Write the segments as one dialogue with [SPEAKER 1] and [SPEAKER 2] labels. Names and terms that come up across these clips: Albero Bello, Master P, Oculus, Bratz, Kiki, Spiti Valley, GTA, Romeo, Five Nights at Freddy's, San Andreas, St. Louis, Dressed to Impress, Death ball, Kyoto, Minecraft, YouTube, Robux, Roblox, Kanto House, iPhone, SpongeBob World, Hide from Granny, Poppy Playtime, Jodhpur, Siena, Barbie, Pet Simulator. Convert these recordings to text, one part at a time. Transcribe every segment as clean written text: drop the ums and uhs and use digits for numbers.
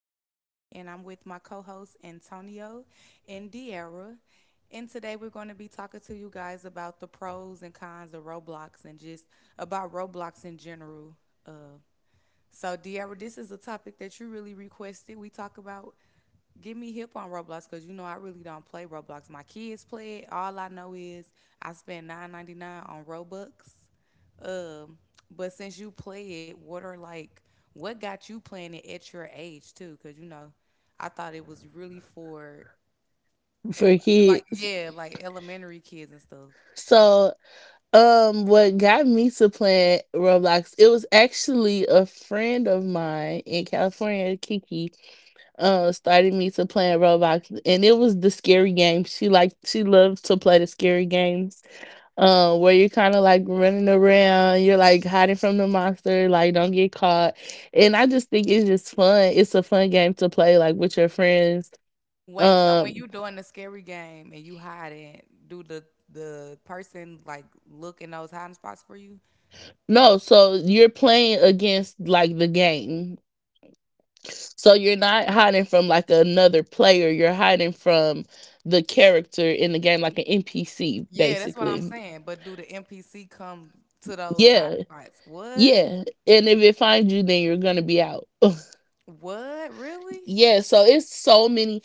[SPEAKER 1] Joanne, and I'm with my co-hosts Antonio and Deara. And today we're going to be talking to you guys about the pros and cons of Roblox and just about Roblox in general. Uh, so, Deidre, this is a topic that you really requested. We talk about get me hip on Roblox because you know I really don't play Roblox. My kids play it. All I know is I spend 9.99 on Robux. Um, but since you play it, what are like what got you playing it at your age too? Because you know, I thought it was really for,
[SPEAKER 2] For
[SPEAKER 1] like,
[SPEAKER 2] kids.
[SPEAKER 1] yeah, like elementary kids and stuff.
[SPEAKER 2] So, what got me to playing Roblox? It was actually a friend of mine in California, Kiki, started me to playing Roblox, and it was the scary game. She loved to play the scary games, where you're kind of like running around, you're like hiding from the monster, like don't get caught. And I just think it's just fun. It's a fun game to play, like with your friends.
[SPEAKER 1] Wait, so when
[SPEAKER 2] Um,
[SPEAKER 1] you doing the scary game and you hiding, do the person like look in those hiding spots for you?
[SPEAKER 2] no, so you're playing against like the game. So you're not hiding from like another player, you're hiding from the character in the game, like an NPC,
[SPEAKER 1] Yeah, that's what I'm
[SPEAKER 2] basically.
[SPEAKER 1] saying. But do the NPC come to those
[SPEAKER 2] Yeah,
[SPEAKER 1] hiding spots? What?
[SPEAKER 2] yeah. And if it finds you, then you're gonna be out.
[SPEAKER 1] What? Really?
[SPEAKER 2] Yeah, so it's so many.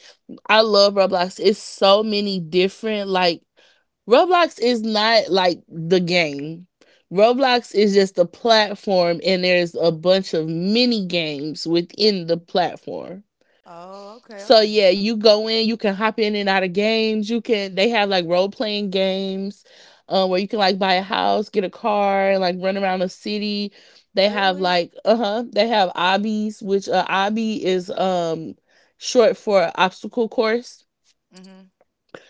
[SPEAKER 2] I love Roblox. It's so many different, like, Roblox is not like the game. Roblox is just a platform, and there's a bunch of mini games within the platform.
[SPEAKER 1] Oh, okay,
[SPEAKER 2] So
[SPEAKER 1] okay.
[SPEAKER 2] yeah, you go in, you can hop in and out of games. You can they have like role playing games where you can like buy a house, get a car, and like run around a city. They have
[SPEAKER 1] Really?
[SPEAKER 2] like they have obbies, which obby is short for obstacle course.
[SPEAKER 1] Mm-hmm.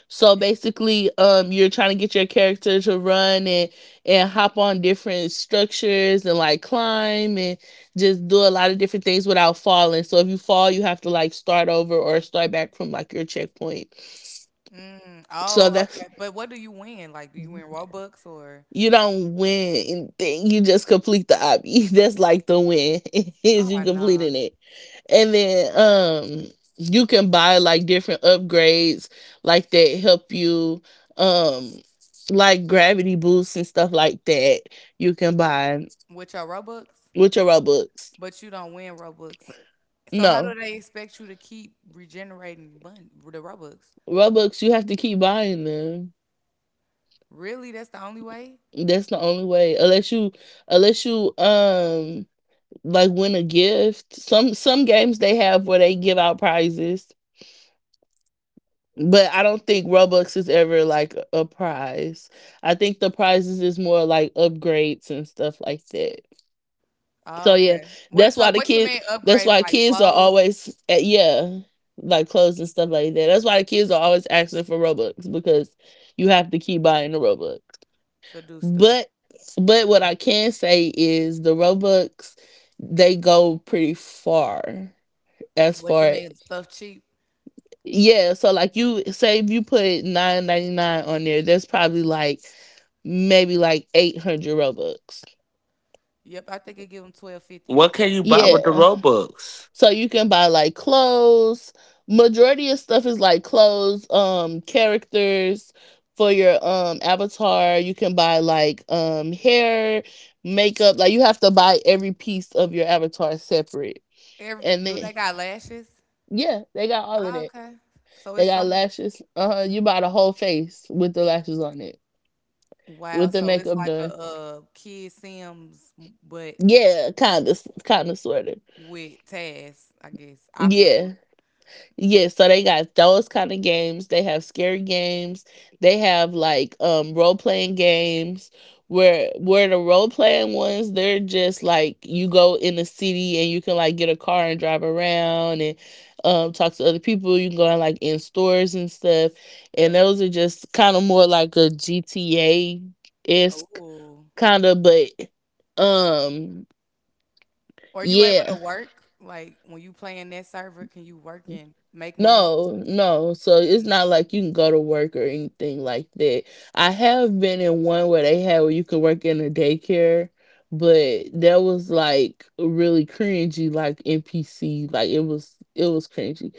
[SPEAKER 2] So
[SPEAKER 1] Eh,
[SPEAKER 2] basically, you're trying to get your character to run and hop on different structures and like climb and just do a lot of different things without falling. So if you fall, you have to like start over or start back from like your checkpoint.
[SPEAKER 1] Mm.
[SPEAKER 2] So
[SPEAKER 1] Oh,
[SPEAKER 2] that
[SPEAKER 1] okay. But what do you win? Like, do you win Robux or?
[SPEAKER 2] you don't win anything, you just complete the obby. That's like the win is
[SPEAKER 1] Oh,
[SPEAKER 2] you
[SPEAKER 1] nah.
[SPEAKER 2] completing it. And then you can buy like different upgrades like that help you um like gravity boosts and stuff like that you can buy
[SPEAKER 1] With your Robux,
[SPEAKER 2] with your robux.
[SPEAKER 1] but you don't win Robux. So how do
[SPEAKER 2] No,
[SPEAKER 1] they expect you to keep regenerating money, the Robux?
[SPEAKER 2] robux you have to keep buying them.
[SPEAKER 1] Really? That's the only way?
[SPEAKER 2] That's the only way unless you unless you um like win a gift. Some games they have where they give out prizes. But I don't think Robux is ever like a prize. I think the prizes is more like upgrades and stuff like that. So
[SPEAKER 1] Oh,
[SPEAKER 2] yeah,
[SPEAKER 1] okay. What
[SPEAKER 2] that's why
[SPEAKER 1] so
[SPEAKER 2] the
[SPEAKER 1] what you
[SPEAKER 2] kids.
[SPEAKER 1] mean
[SPEAKER 2] That's
[SPEAKER 1] upgrades
[SPEAKER 2] why
[SPEAKER 1] like
[SPEAKER 2] kids are
[SPEAKER 1] clothes
[SPEAKER 2] always at, yeah, like clothes and stuff like that. That's why the kids are always asking for Robux because you have to keep buying the Robux.
[SPEAKER 1] to do stuff?
[SPEAKER 2] But but what I can say is the Robux, they go pretty far, as
[SPEAKER 1] What you
[SPEAKER 2] far.
[SPEAKER 1] mean stuff cheap?
[SPEAKER 2] Yeah, so like you say if you put 9.99 on there, that's probably like maybe like 800 Robux.
[SPEAKER 1] Yep, I think it give them 1,250.
[SPEAKER 3] What can you buy with the
[SPEAKER 2] Yeah.
[SPEAKER 3] Robux?
[SPEAKER 2] So you can buy like clothes. Majority of stuff is like clothes, characters for your avatar. You can buy like hair, makeup. Like you have to buy every piece of your avatar separate.
[SPEAKER 1] Every
[SPEAKER 2] And
[SPEAKER 1] do
[SPEAKER 2] then
[SPEAKER 1] they got lashes?
[SPEAKER 2] yeah, they got all of
[SPEAKER 1] Oh,
[SPEAKER 2] that.
[SPEAKER 1] okay. So
[SPEAKER 2] They
[SPEAKER 1] it's
[SPEAKER 2] got
[SPEAKER 1] some
[SPEAKER 2] lashes. Uh huh. You buy the whole face with the lashes on it,
[SPEAKER 1] wow.
[SPEAKER 2] with the
[SPEAKER 1] So it's
[SPEAKER 2] makeup
[SPEAKER 1] like a
[SPEAKER 2] done.
[SPEAKER 1] kid Sims but
[SPEAKER 2] Yeah, kind of, sort of.
[SPEAKER 1] with tasks, I guess obstacles.
[SPEAKER 2] Yeah, yeah. So they got those kind of games. They have scary games. They have like role playing games where the role playing ones, they're just like you go in the city and you can like get a car and drive around and talk to other people. You can go in like in stores and stuff. And those are just kind of more like a GTA esque
[SPEAKER 1] Oh,
[SPEAKER 2] kind of, but um
[SPEAKER 1] are you able
[SPEAKER 2] yeah.
[SPEAKER 1] to work? Like when you play in that server, can you work and make money?
[SPEAKER 2] No, no. So it's
[SPEAKER 1] Mm.
[SPEAKER 2] not like you can go to work or anything like that. I have been in one where they had where you could work in a daycare, but that was like really cringy, like NPC. Like it was cringy.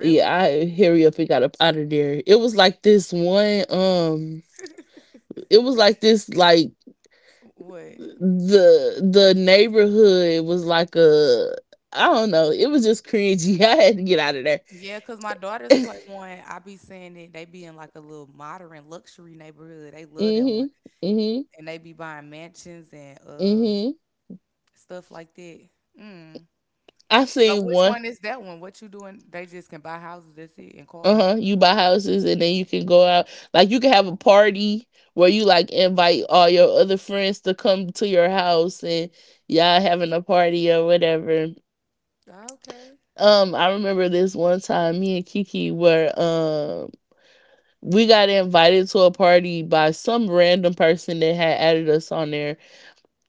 [SPEAKER 2] Yeah, I hurry up and got up out of there. It was like this one, it was like this like
[SPEAKER 1] What?
[SPEAKER 2] the neighborhood was like a, I don't know. It was just cringy. I had to get out of there.
[SPEAKER 1] Yeah, cause my daughters play one. I be seeing it. They be in like a little modern luxury neighborhood. They love that one,
[SPEAKER 2] Hmm. Hmm.
[SPEAKER 1] and they be buying mansions and
[SPEAKER 2] Mm-hmm.
[SPEAKER 1] stuff like that. Mm.
[SPEAKER 2] I
[SPEAKER 1] So
[SPEAKER 2] seen
[SPEAKER 1] which
[SPEAKER 2] one.
[SPEAKER 1] one is that one? What you doing? They just can buy houses. That's it, and cars.
[SPEAKER 2] Uh-huh. You buy houses and then you can go out. Like you can have a party where you like invite all your other friends to come to your house and y'all having a party or whatever.
[SPEAKER 1] Okay.
[SPEAKER 2] I remember this one time me and Kiki were we got invited to a party by some random person that had added us on there.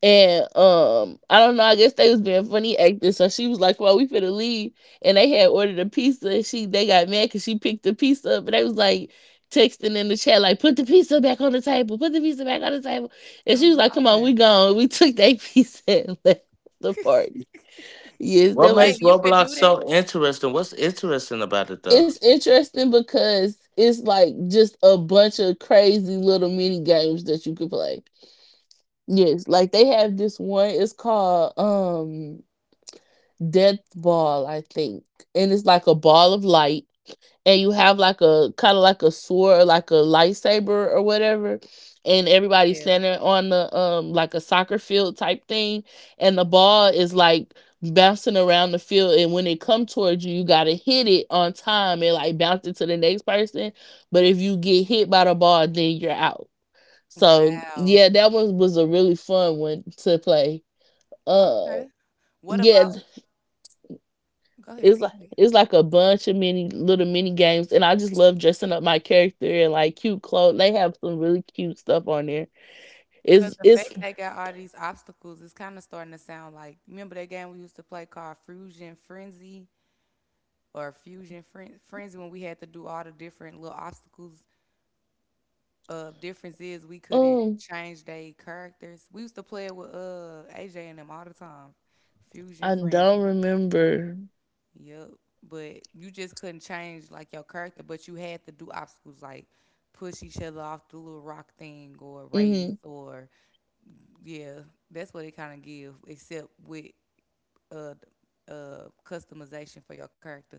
[SPEAKER 2] And I don't know. I guess they was being funny actors. So she was like, "Well, we finna leave," and they had ordered a pizza. And she they got mad because she picked the pizza up, and they was like texting in the chat, like, "Put the pizza back on the table. Put the pizza back on the table." And she
[SPEAKER 1] I'm
[SPEAKER 2] was like, "Come on, we
[SPEAKER 1] hollering.
[SPEAKER 2] gone." We took that pizza and left the party. Yes,
[SPEAKER 3] What
[SPEAKER 2] that
[SPEAKER 1] Wait,
[SPEAKER 3] makes
[SPEAKER 2] was.
[SPEAKER 1] you could
[SPEAKER 3] Roblox
[SPEAKER 1] do that?
[SPEAKER 3] so interesting? What's interesting about it though?
[SPEAKER 2] It's interesting because it's like just a bunch of crazy little mini games that you could play. Yes, like they have this one. It's called Death ball, I think. And it's like a ball of light. And you have like a kind of like a sword or like a lightsaber or whatever. And everybody's
[SPEAKER 1] Yeah.
[SPEAKER 2] standing on the like a soccer field type thing. And the ball is like bouncing around the field. And when it come towards you, you gotta hit it on time and like bounce it to the next person. But if you get hit by the ball, then you're out. So
[SPEAKER 1] Wow.
[SPEAKER 2] yeah, that one was a really fun one to play. Uh
[SPEAKER 1] Okay. What
[SPEAKER 2] yeah,
[SPEAKER 1] about? Go ahead.
[SPEAKER 2] it's
[SPEAKER 1] Go
[SPEAKER 2] like
[SPEAKER 1] ahead.
[SPEAKER 2] it's like a bunch of mini little mini games, and I just love dressing up my character in like cute clothes. They have some really cute stuff on there.
[SPEAKER 1] Cause the fact
[SPEAKER 2] It's
[SPEAKER 1] they got all these obstacles, it's kind of starting to sound like. Remember that game we used to play called Fusion Frenzy? Or Frenzy when we had to do all the different little obstacles. Difference is we couldn't
[SPEAKER 2] um
[SPEAKER 1] change their characters. We used to play it with AJ and them all the time. Fusion
[SPEAKER 2] I don't
[SPEAKER 1] Frenzy.
[SPEAKER 2] remember.
[SPEAKER 1] Yep. But you just couldn't change like your character, but you had to do obstacles like push each other off the little rock thing or race
[SPEAKER 2] Hmm.
[SPEAKER 1] or yeah, that's what it kind of give except with uh customization for your character.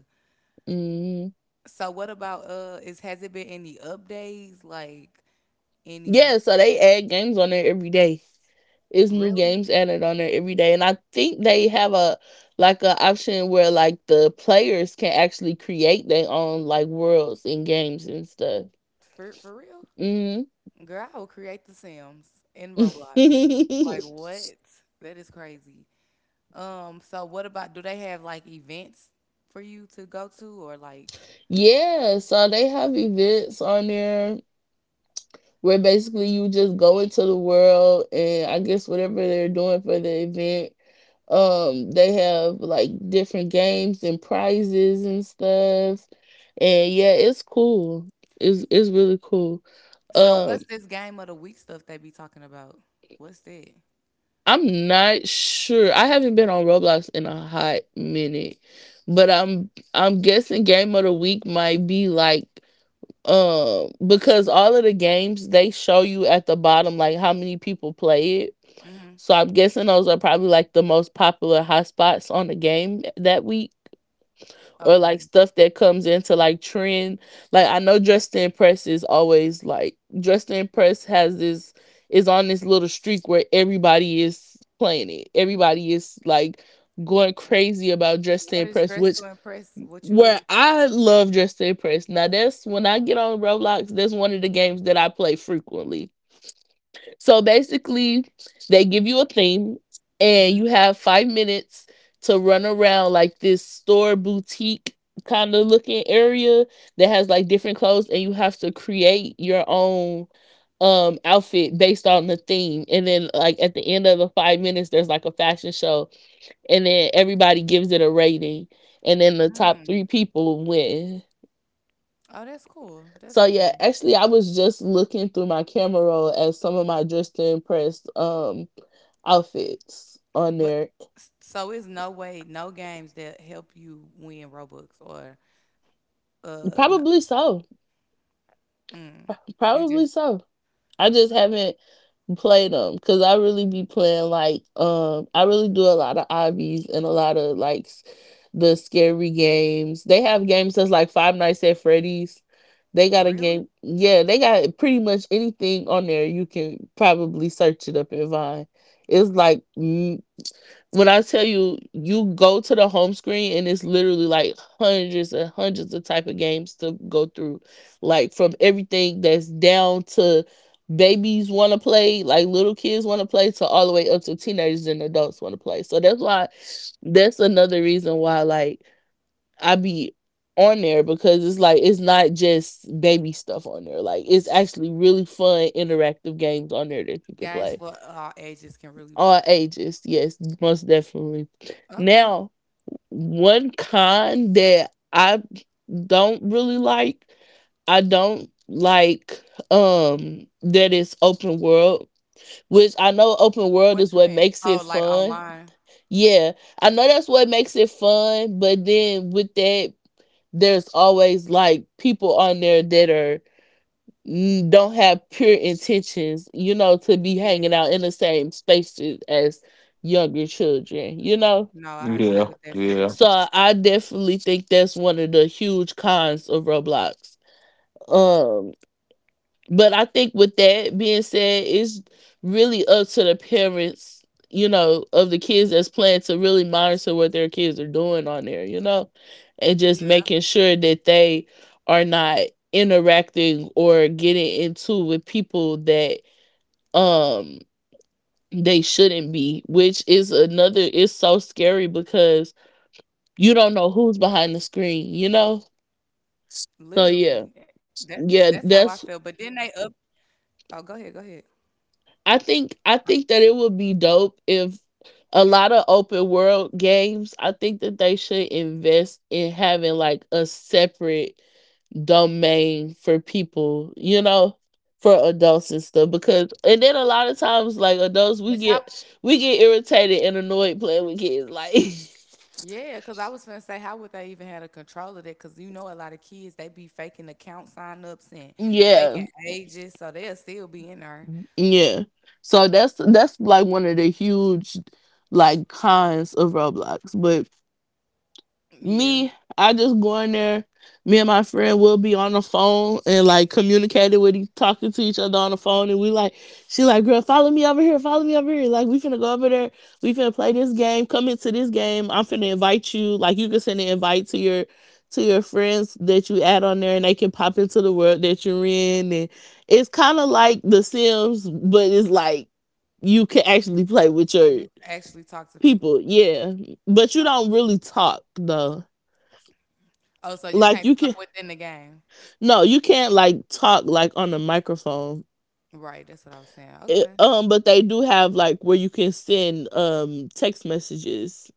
[SPEAKER 2] Hmm.
[SPEAKER 1] So what about is has it been any updates like any
[SPEAKER 2] Yeah, so they add games on there every day. It's new
[SPEAKER 1] really
[SPEAKER 2] games added on there every day, and I think they have a like a option where like the players can actually create their own like worlds and games and stuff.
[SPEAKER 1] for real?
[SPEAKER 2] Hmm.
[SPEAKER 1] Girl, I will create the Sims in Roblox. Like what? That is crazy. So what about do they have like events for you to go to or like
[SPEAKER 2] Yeah, so they have events on there where basically you just go into the world and I guess whatever they're doing for the event, they have like different games and prizes and stuff. And yeah, it's cool. It's really cool.
[SPEAKER 1] so
[SPEAKER 2] Um,
[SPEAKER 1] what's this game of the week stuff they be talking about? What's that?
[SPEAKER 2] I'm not sure. I haven't been on Roblox in a hot minute, but I'm guessing game of the week might be like because all of the games they show you at the bottom like how many people play it,
[SPEAKER 1] Mm. Mhm.
[SPEAKER 2] so I'm guessing those are probably like the most popular hotspots on the game that week or like
[SPEAKER 1] Okay.
[SPEAKER 2] stuff that comes into like trend. Like I know dressed to impress is always like, dressed to impress has this, is on this little streak where everybody is playing it, everybody is like going crazy about dressed to
[SPEAKER 1] What is
[SPEAKER 2] impress,
[SPEAKER 1] dress to
[SPEAKER 2] which,
[SPEAKER 1] impress what you
[SPEAKER 2] where
[SPEAKER 1] do?
[SPEAKER 2] I love Just to Impress. Now that's when I get on Roblox, that's one of the games that I play frequently. So basically, they give you a theme and you
[SPEAKER 1] Mm.
[SPEAKER 2] have 5 minutes to run around like this store boutique kind of looking area that has like different clothes, and you have to create your own outfit based on the theme, and then like at the end of the 5 minutes there's like a fashion show, and then everybody gives it a rating, and then the top three
[SPEAKER 1] Mhm.
[SPEAKER 2] people win.
[SPEAKER 1] Oh, that's cool. That's
[SPEAKER 2] So yeah,
[SPEAKER 1] cool.
[SPEAKER 2] actually I was just looking through my camera roll at some of my dressed to impress outfits on
[SPEAKER 1] But
[SPEAKER 2] there.
[SPEAKER 1] so it's no way, no games that help you win Robux or no,
[SPEAKER 2] Probably so,
[SPEAKER 1] you
[SPEAKER 2] probably
[SPEAKER 1] just
[SPEAKER 2] so. I just haven't play them because I really be playing like I really do a lot of obbies and a lot of like the scary games. They have games that's like Five Nights at Freddy's. They got a game,
[SPEAKER 1] really
[SPEAKER 2] yeah. They got pretty much anything on there. You can probably search it up and find. It's like when I tell you, you go to the home screen and it's literally like hundreds and hundreds of type of games to go through, like from everything that's down to babies want to play, like little kids want to play, to all the way up to teenagers and adults want to play. So that's why, that's another reason why like I be on there because it's like it's not just baby stuff on there. Like it's actually really fun interactive games on there that you can
[SPEAKER 1] games
[SPEAKER 2] play
[SPEAKER 1] for all ages can really.
[SPEAKER 2] all ages. Yes, most definitely.
[SPEAKER 1] Okay,
[SPEAKER 2] Now, one con that I don't really like, I don't like that it's open world, which I know open world is
[SPEAKER 1] what you
[SPEAKER 2] what
[SPEAKER 1] mean?
[SPEAKER 2] makes it
[SPEAKER 1] Oh, like
[SPEAKER 2] fun.
[SPEAKER 1] online?
[SPEAKER 2] Yeah, I know that's what makes it fun, but then with that, there's always like people on there that are don't have pure intentions, you know, to be hanging
[SPEAKER 1] Yeah,
[SPEAKER 2] out in the same spaces as younger children, you know?
[SPEAKER 1] no, I agree
[SPEAKER 3] Yeah,
[SPEAKER 1] with that for
[SPEAKER 3] yeah.
[SPEAKER 1] real.
[SPEAKER 2] So I definitely think that's one of the huge cons of Roblox. Um, but I think with that being said, it's really up to the parents, you know, of the kids that's playing to really monitor what their kids are doing on there, you know, and just
[SPEAKER 1] Yeah,
[SPEAKER 2] making sure that they are not interacting or getting into with people that um they shouldn't be, which is another, it's so scary because you don't know who's behind the screen, you know, so
[SPEAKER 1] literally.
[SPEAKER 2] yeah.
[SPEAKER 1] That's
[SPEAKER 2] Yeah,
[SPEAKER 1] how I feel.
[SPEAKER 2] that's,
[SPEAKER 1] But then they up. Oh, go ahead, go ahead.
[SPEAKER 2] I think that it would be dope if a lot of open world games, I think that they should invest in having like a separate domain for people, you know, for adults and stuff. Because and then a lot of times like adults,
[SPEAKER 1] But
[SPEAKER 2] we
[SPEAKER 1] how?
[SPEAKER 2] get we get irritated and annoyed playing with kids, like
[SPEAKER 1] Yeah, because I was gonna say, how would they even have a control of that? Because you know, a lot of kids they be faking account sign ups and faking
[SPEAKER 2] Yeah,
[SPEAKER 1] ages, so they'll still be in there.
[SPEAKER 2] yeah. So that's like one of the huge like cons of Roblox. But
[SPEAKER 1] Yeah.
[SPEAKER 2] me, I just go in there. Me and my friend will be on the phone and like communicating with each, talking to each other on the phone, and we like, she like, girl, follow me over here, follow me over here. Like we finna go over there, we finna play this game. Come into this game. I'm finna invite you. Like you can send an invite to your friends that you add on there, and they can pop into the world that you're in. And it's kind of like The Sims, but it's like you can actually play with
[SPEAKER 1] You
[SPEAKER 2] your
[SPEAKER 1] can actually talk to people.
[SPEAKER 2] people. Yeah, but you don't really talk though.
[SPEAKER 1] Oh, so you
[SPEAKER 2] Like
[SPEAKER 1] can't
[SPEAKER 2] you can,
[SPEAKER 1] talk within the game.
[SPEAKER 2] no, you can't like talk like on the microphone.
[SPEAKER 1] Right, that's what I was saying.
[SPEAKER 2] It,
[SPEAKER 1] Okay.
[SPEAKER 2] but they do have like where you can send text messages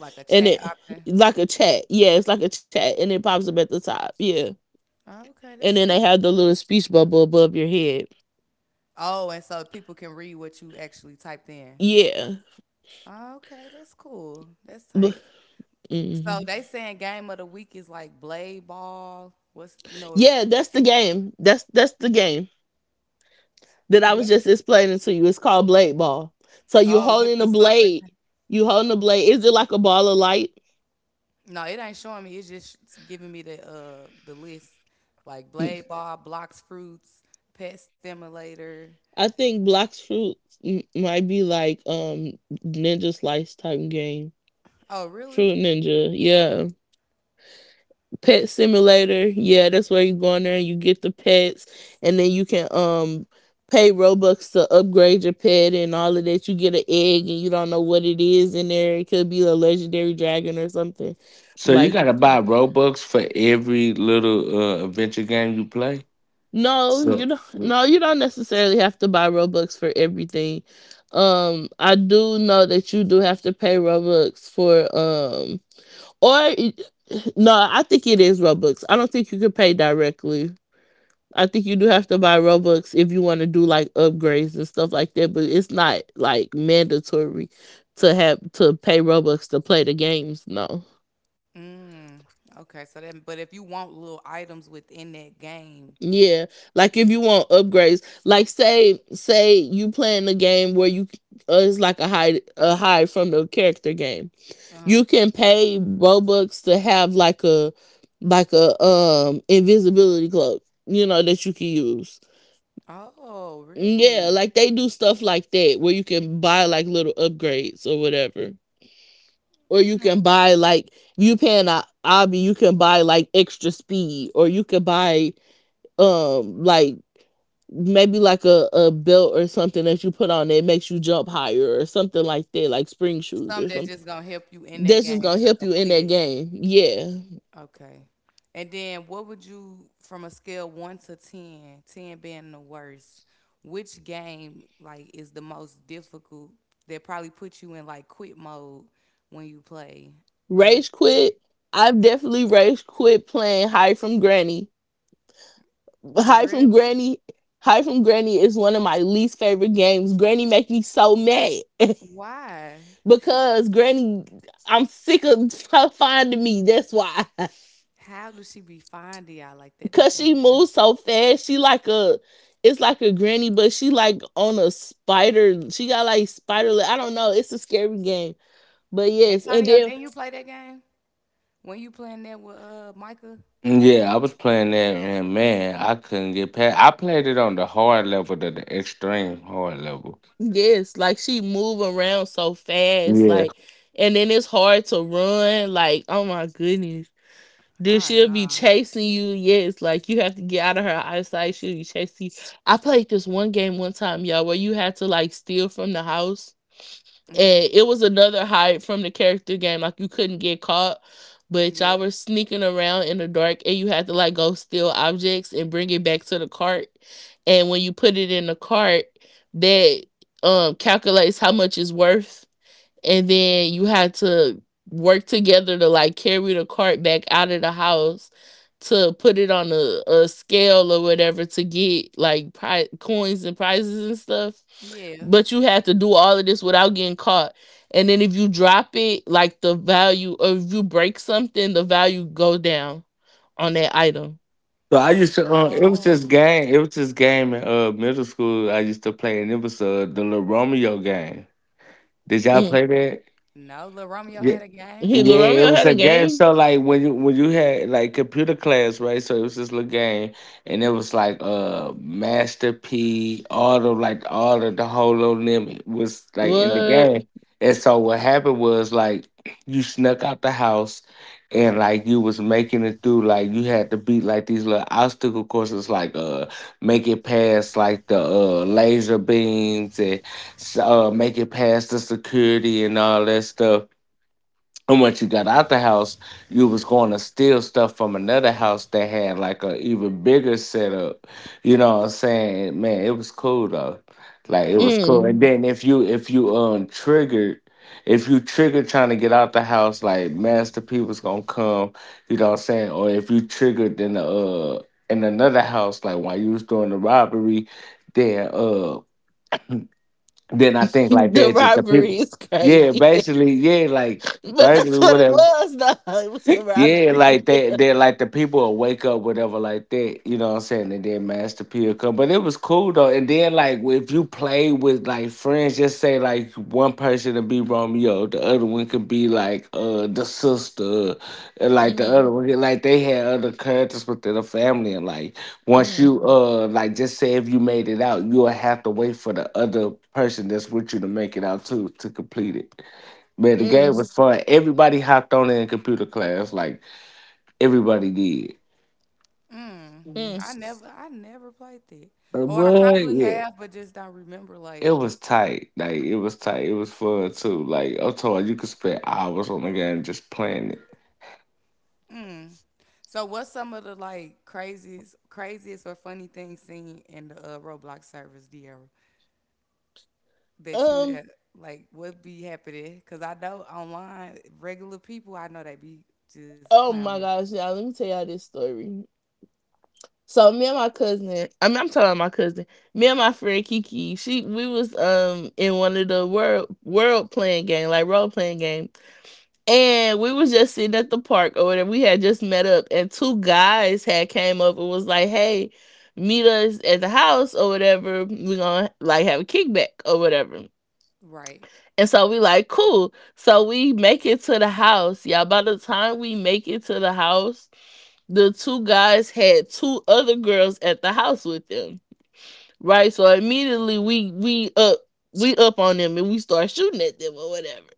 [SPEAKER 1] Like a
[SPEAKER 2] and
[SPEAKER 1] chat
[SPEAKER 2] it,
[SPEAKER 1] option.
[SPEAKER 2] like a chat, yeah, it's like a chat and it pops up at the top, yeah.
[SPEAKER 1] Oh, okay,
[SPEAKER 2] And
[SPEAKER 1] that's
[SPEAKER 2] then they
[SPEAKER 1] cool.
[SPEAKER 2] have the little speech bubble above your head,
[SPEAKER 1] Oh, and so people can read what you actually typed in.
[SPEAKER 2] yeah.
[SPEAKER 1] Oh, okay, that's cool. That's
[SPEAKER 2] Bu-
[SPEAKER 1] tight. So
[SPEAKER 2] mhm.
[SPEAKER 1] they saying game of the week is like blade ball. What's you know
[SPEAKER 2] Yeah, that's the game, that's the game that I was
[SPEAKER 1] what's
[SPEAKER 2] just explaining to you. It's called Blade Ball. So you're
[SPEAKER 1] oh with
[SPEAKER 2] holding a
[SPEAKER 1] the sucker
[SPEAKER 2] blade,
[SPEAKER 1] thing.
[SPEAKER 2] you holding a blade. Is it like a ball of light?
[SPEAKER 1] No, it ain't showing me. It's just giving me the list. Like blade ball, blocks fruits, pet stimulator.
[SPEAKER 2] I think Blox Fruit might be like Ninja Slice type game.
[SPEAKER 1] Oh, really?
[SPEAKER 2] Fruit Ninja, yeah. Pet Simulator, yeah. That's where you go in there and you get the pets, and then you can pay Robux to upgrade your pet and all of that. You get an egg and you don't know what it is in there. It could be a legendary dragon or something.
[SPEAKER 3] So you
[SPEAKER 2] Like.
[SPEAKER 3] gotta buy Robux for every little adventure game you play.
[SPEAKER 2] No,
[SPEAKER 3] So
[SPEAKER 2] you don't. No, you don't necessarily have to buy Robux for everything. I do know that you do have to pay Robux for or no, I think it is Robux. I don't think you could pay directly. I think you do have to buy Robux if you want to do like upgrades and stuff like that. But it's not like mandatory to have to pay Robux to play the games. No.
[SPEAKER 1] Mm. Okay, so then, but if you want little items within that game,
[SPEAKER 2] Yeah, like if you want upgrades, like say you playing a game where you it's like a hide from the character game.
[SPEAKER 1] uh-huh.
[SPEAKER 2] You can pay Robux to have like a invisibility cloak, you know, that you can use.
[SPEAKER 1] Oh,
[SPEAKER 2] Yeah,
[SPEAKER 1] really?
[SPEAKER 2] like they do stuff like that where you can buy like little upgrades or whatever. Or you can buy like you paying a obby, you can buy like extra speed, or you could buy like maybe like a belt or something that you put on that makes you jump higher or something like that, like spring shoes
[SPEAKER 1] Some
[SPEAKER 2] or
[SPEAKER 1] that's
[SPEAKER 2] something.
[SPEAKER 1] just gonna help you in that
[SPEAKER 2] That's just
[SPEAKER 1] game
[SPEAKER 2] gonna
[SPEAKER 1] to
[SPEAKER 2] help you in
[SPEAKER 1] complete
[SPEAKER 2] that
[SPEAKER 1] it.
[SPEAKER 2] game. Yeah.
[SPEAKER 1] Okay. And then what would you, from a scale one to 10, 10 being the worst, which game like is the most difficult that probably put you in like quit mode when you play? Uh,
[SPEAKER 2] Rage quit. I've definitely rage quit playing Hide from Granny. Hide from
[SPEAKER 1] really?
[SPEAKER 2] Granny, Hide from Granny is one of my least favorite games. Granny make me so mad
[SPEAKER 1] Why?
[SPEAKER 2] because Granny, I'm sick of finding me. That's why.
[SPEAKER 1] How does she be finding y'all? Like that is
[SPEAKER 2] Cause she
[SPEAKER 1] insane.
[SPEAKER 2] moves so fast. She like a, it's like a granny, but she like on a spider. She got like spider leg. I don't know. It's a scary game. But yes, and
[SPEAKER 1] Antonio,
[SPEAKER 2] then
[SPEAKER 1] didn't you play that game? When you playing that with Micah?
[SPEAKER 3] yeah, I was playing that and man, I couldn't get past. I played it on the hard level, to the extreme hard level.
[SPEAKER 2] yes, like she move around so fast,
[SPEAKER 3] Yeah.
[SPEAKER 2] like, and then it's hard to run. Like, oh my goodness. Then
[SPEAKER 1] Ah
[SPEAKER 2] she'll be
[SPEAKER 1] nah.
[SPEAKER 2] chasing you. Yes, like you have to get out of her eyesight. She'll be chasing you. I played this one game one time, y'all, where you had to like steal from the house,
[SPEAKER 1] Mm-hmm.
[SPEAKER 2] and it was another hide from the character game. Like you couldn't get caught, but
[SPEAKER 1] Yeah.
[SPEAKER 2] y'all were sneaking around in the dark, and you had to like go steal objects and bring it back to the cart. And when you put it in the cart, that calculates how much it's worth, and then you had to work together to like carry the cart back out of the house to put it on a scale or whatever to get like coins and prizes and stuff.
[SPEAKER 1] Yeah.
[SPEAKER 2] But you had to do all of this without getting caught, and then if you drop it, like the value, or if you break something, the value go down on that item.
[SPEAKER 3] So I used to. It was this
[SPEAKER 1] Oh.
[SPEAKER 3] game. It was this game in middle school I used to play, and it was the little Romeo game. Did y'all
[SPEAKER 1] Lil-
[SPEAKER 2] Mm.
[SPEAKER 3] play that?
[SPEAKER 1] no, Lil Romeo
[SPEAKER 3] Yeah.
[SPEAKER 1] had a game.
[SPEAKER 2] Hey,
[SPEAKER 3] Yeah, it
[SPEAKER 2] Romeo
[SPEAKER 3] was
[SPEAKER 2] had
[SPEAKER 3] a
[SPEAKER 2] a
[SPEAKER 3] game.
[SPEAKER 2] game.
[SPEAKER 3] So like when you had like computer class, right? So it was this little game, and it was like Master P, all of like all of the whole of them was like in the
[SPEAKER 2] What?
[SPEAKER 3] game. And so what happened was like you snuck out the house, and like you was making it through. Like you had to beat like these little obstacle courses, like make it past like the laser beams and make it past the security and all that stuff, and once you got out the house, you was going to steal stuff from another house that had like a even bigger setup. You know what I'm saying? Man, it was cool though. Like it
[SPEAKER 1] Mm,
[SPEAKER 3] was cool.
[SPEAKER 2] Mm.
[SPEAKER 3] And then if you triggered, if you triggered trying to get out the house, like Master P was gonna come, you know what I'm saying? Or if you triggered in the in another house, like while you was doing the robbery, then uh then I think like
[SPEAKER 2] The
[SPEAKER 3] that just the people.
[SPEAKER 2] robbery is
[SPEAKER 3] Yeah,
[SPEAKER 2] crazy.
[SPEAKER 3] basically, yeah, like
[SPEAKER 2] But that's
[SPEAKER 3] burglary,
[SPEAKER 2] what it
[SPEAKER 3] whatever.
[SPEAKER 2] was, though. It was a
[SPEAKER 3] Yeah, like
[SPEAKER 2] robbery.
[SPEAKER 3] they like the people will wake up, whatever, like that. You know what I'm saying? And then Master P will come. But it was cool though. And then like if you play with like friends, just say like one person to be Romeo, the other one could be like the sister, and like the other
[SPEAKER 2] Mm,
[SPEAKER 3] one like they had other characters within the family. And like once
[SPEAKER 2] mm,
[SPEAKER 3] you like just say if you made it out, you'll have to wait for the other person that's with you to make it out too to complete it. Man, the
[SPEAKER 2] mm,
[SPEAKER 3] game was fun. Everybody hopped on in computer class. Like everybody did.
[SPEAKER 1] mm.
[SPEAKER 3] Uh,
[SPEAKER 2] mm.
[SPEAKER 1] I never played that. Or I
[SPEAKER 3] What?
[SPEAKER 1] probably
[SPEAKER 3] Yeah.
[SPEAKER 1] have, but just don't remember
[SPEAKER 3] It
[SPEAKER 1] like
[SPEAKER 3] was tight. Like it was tight. It was fun too. Like I'm told you could spend hours on the game just playing it.
[SPEAKER 1] so what's some of the like craziest or funny things seen in the Roblox service, De'Ara, that you
[SPEAKER 2] Um.
[SPEAKER 1] had like what be happening? Cause I know online regular people I know they be just
[SPEAKER 2] Oh
[SPEAKER 1] clowning.
[SPEAKER 2] my gosh, y'all! Let me tell y'all this story. So me and my cousin, I mean, I'm talking about my cousin. Me and my friend Kiki, she, we was in one of the world playing game, like role playing game, and we was just sitting at the park or whatever. We had just met up, and two guys had came up and was like, "Hey, meet us at the house or whatever. We gonna like have a kickback or whatever."
[SPEAKER 1] Right.
[SPEAKER 2] And so we like, cool. So we make it to the house. Yeah, by the time we make it to the house, the two guys had two other girls at the house with them. Right? So immediately we up, we up on them and we start shooting at them or whatever.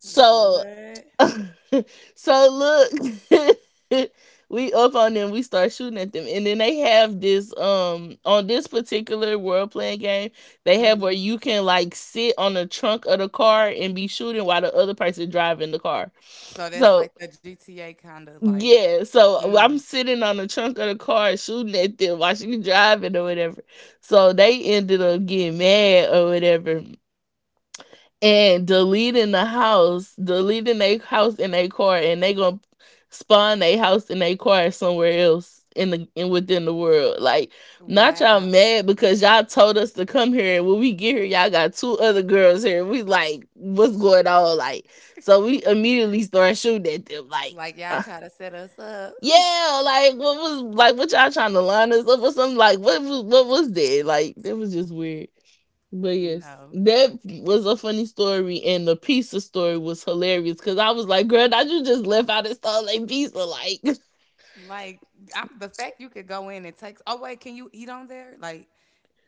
[SPEAKER 2] So
[SPEAKER 1] What?
[SPEAKER 2] so look, we up on them. We start shooting at them, and then they have this on this particular world playing game. They have
[SPEAKER 1] Mhm.
[SPEAKER 2] where you can like sit on the trunk of the car and be shooting while the other person driving the car.
[SPEAKER 1] So that's
[SPEAKER 2] So
[SPEAKER 1] like the GTA kinda like
[SPEAKER 2] yeah, so
[SPEAKER 1] mm,
[SPEAKER 2] I'm sitting on the trunk of the car shooting at them while she's driving or whatever. So they ended up getting mad or whatever and deleting the house, deleting their house in their car, and they gonna spawn their house in their car somewhere else in the, in within the world. Like, not y'all
[SPEAKER 1] wow.
[SPEAKER 2] mad because y'all told us to come here, and when we get here, y'all got two other girls here. We like, what's going on? Like, so we immediately start shooting at them. Like,
[SPEAKER 1] Like,
[SPEAKER 2] uh,
[SPEAKER 1] y'all try to set us up.
[SPEAKER 2] yeah, like what was, like what y'all trying to line us up or something? Like, what was, what was that? Like, that was just weird. But yes,
[SPEAKER 1] No.
[SPEAKER 2] that was a funny story, and the pizza story was hilarious because I was like, "Girl, I, you just left out and stole a pizza?" Like,
[SPEAKER 1] Like, I'm the fact you could go in and take oh, wait, can you eat on there? Like,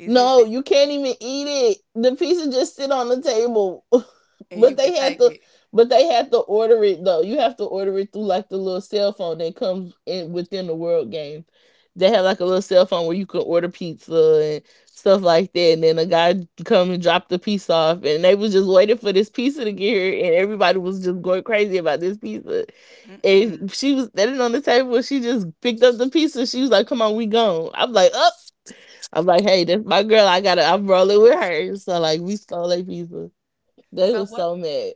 [SPEAKER 1] is it
[SPEAKER 2] No,
[SPEAKER 1] that
[SPEAKER 2] you can't even eat it. The pizza just sit on the table.
[SPEAKER 1] and
[SPEAKER 2] But
[SPEAKER 1] you
[SPEAKER 2] they
[SPEAKER 1] could
[SPEAKER 2] had
[SPEAKER 1] take
[SPEAKER 2] to,
[SPEAKER 1] it?
[SPEAKER 2] but they had to order it though. You have to order it through like the little cell phone that comes in within the world Games. They had like a little cell phone where you can order pizza and stuff like that. And then a guy come and drop the piece off, and they was just waiting for this pizza to get here and everybody was just going crazy about this pizza. And
[SPEAKER 1] Mm-mm.
[SPEAKER 2] she was standing on the table. She just picked up the pizza. She was like, "Come on, we gone." I'm like, "Up." I'm like, hey, this my girl. I gotta, I'm rolling with her. So like, we stole a pizza. They
[SPEAKER 1] So
[SPEAKER 2] was
[SPEAKER 1] what
[SPEAKER 2] so mad.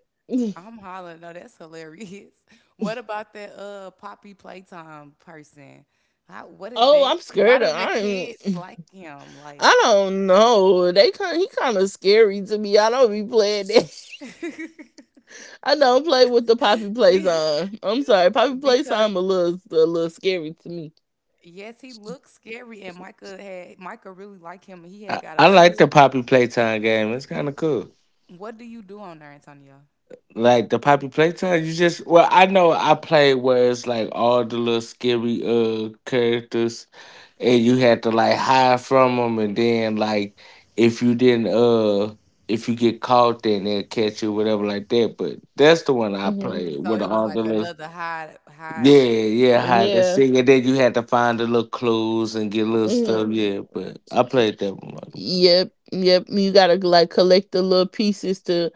[SPEAKER 1] I'm hollering. No, that's hilarious. What about that, Poppy Playtime person? How what is
[SPEAKER 2] Oh,
[SPEAKER 1] that?
[SPEAKER 2] I'm scared.
[SPEAKER 1] Why do
[SPEAKER 2] Of,
[SPEAKER 1] the kids like him? Like
[SPEAKER 2] I don't know. They kind, he kind of scary to me. I don't be playing that. I don't play with the Poppy
[SPEAKER 1] did,
[SPEAKER 2] Playtime. I'm sorry, Poppy
[SPEAKER 1] because
[SPEAKER 2] Playtime a little scary to me.
[SPEAKER 1] yes, he looked scary, and Micah really liked him, and he
[SPEAKER 3] I,
[SPEAKER 1] had got
[SPEAKER 3] I
[SPEAKER 1] a
[SPEAKER 3] like
[SPEAKER 1] toy.
[SPEAKER 3] the Poppy Playtime game. It's kind of cool.
[SPEAKER 1] What do you do on there, Antonio?
[SPEAKER 3] Like the Poppy Playtime, you just well, I know I played where it's like all the little scary characters, and you had to like hide from them, and then like if you didn't if you get caught, then they'll catch you, whatever like that. But that's the one I
[SPEAKER 2] Hmm.
[SPEAKER 3] played
[SPEAKER 1] So
[SPEAKER 3] with
[SPEAKER 1] it was
[SPEAKER 3] all
[SPEAKER 1] like
[SPEAKER 3] the little.
[SPEAKER 1] another
[SPEAKER 3] Yeah,
[SPEAKER 1] hide.
[SPEAKER 3] yeah, I had to
[SPEAKER 2] Yeah.
[SPEAKER 3] sing, and then you had to find the little clues and get little stuff.
[SPEAKER 2] Mm-hmm.
[SPEAKER 3] Yeah, but I played that one. Like,
[SPEAKER 2] Yep, yep. You gotta like collect the little pieces to,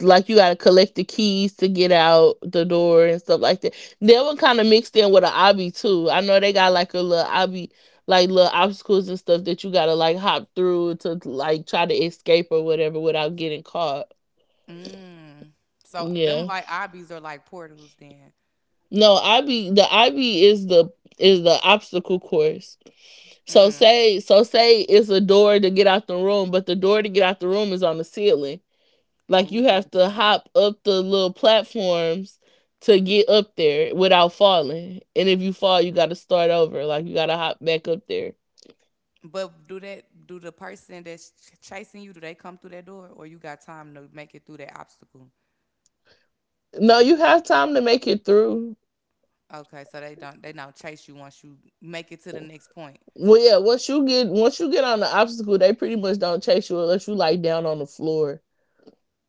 [SPEAKER 2] like you gotta collect the keys to get out the door and stuff like that. That one kind of mixed in with an obby too. I know they got like a little obby, like little obstacles and stuff that you gotta like hop through to like try to escape or whatever without getting caught.
[SPEAKER 1] Mm. So them
[SPEAKER 2] Yeah.
[SPEAKER 1] like obbies are like portals then.
[SPEAKER 2] No, Ivy. The Ivy is the, is the obstacle course. So
[SPEAKER 1] Mm.
[SPEAKER 2] say, so say it's a door to get out the room, but the door to get out the room is on the ceiling. Like you have
[SPEAKER 1] Ooh.
[SPEAKER 2] to hop up the little platforms to get up there without falling. And if you fall, you got to start over. Like you got to hop back up there.
[SPEAKER 1] But do that do the person that's chasing you, do they come through that door or you got time to make it through that obstacle?
[SPEAKER 2] No, you have time to make it through.
[SPEAKER 1] Okay, so they don't chase you once you make it to the next point.
[SPEAKER 2] Well, yeah. Once you get on the obstacle, they pretty much don't chase you unless you like down on the floor.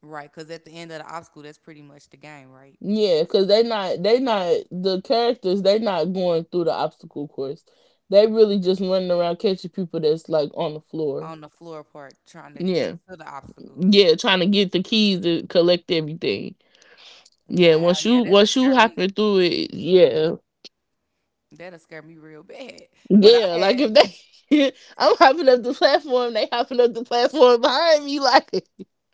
[SPEAKER 1] Right, cuz at the end of the obstacle, that's pretty much the game, right?
[SPEAKER 2] Yeah, cause they not the characters. They not going through the obstacle course. They really just running around catching people that's like on the floor.
[SPEAKER 1] On the floor part trying to get
[SPEAKER 2] Yeah,
[SPEAKER 1] to the obstacle.
[SPEAKER 2] yeah, trying to get the keys to collect everything. Yeah,
[SPEAKER 1] Wow,
[SPEAKER 2] once you
[SPEAKER 1] yeah, that'll
[SPEAKER 2] once
[SPEAKER 1] scare
[SPEAKER 2] you
[SPEAKER 1] me.
[SPEAKER 2] hopping through it, yeah,
[SPEAKER 1] That'll scare me real bad. But
[SPEAKER 2] yeah.
[SPEAKER 1] I
[SPEAKER 2] Like
[SPEAKER 1] had
[SPEAKER 2] if they, I'm hopping up the platform, they hopping up the platform behind me. Like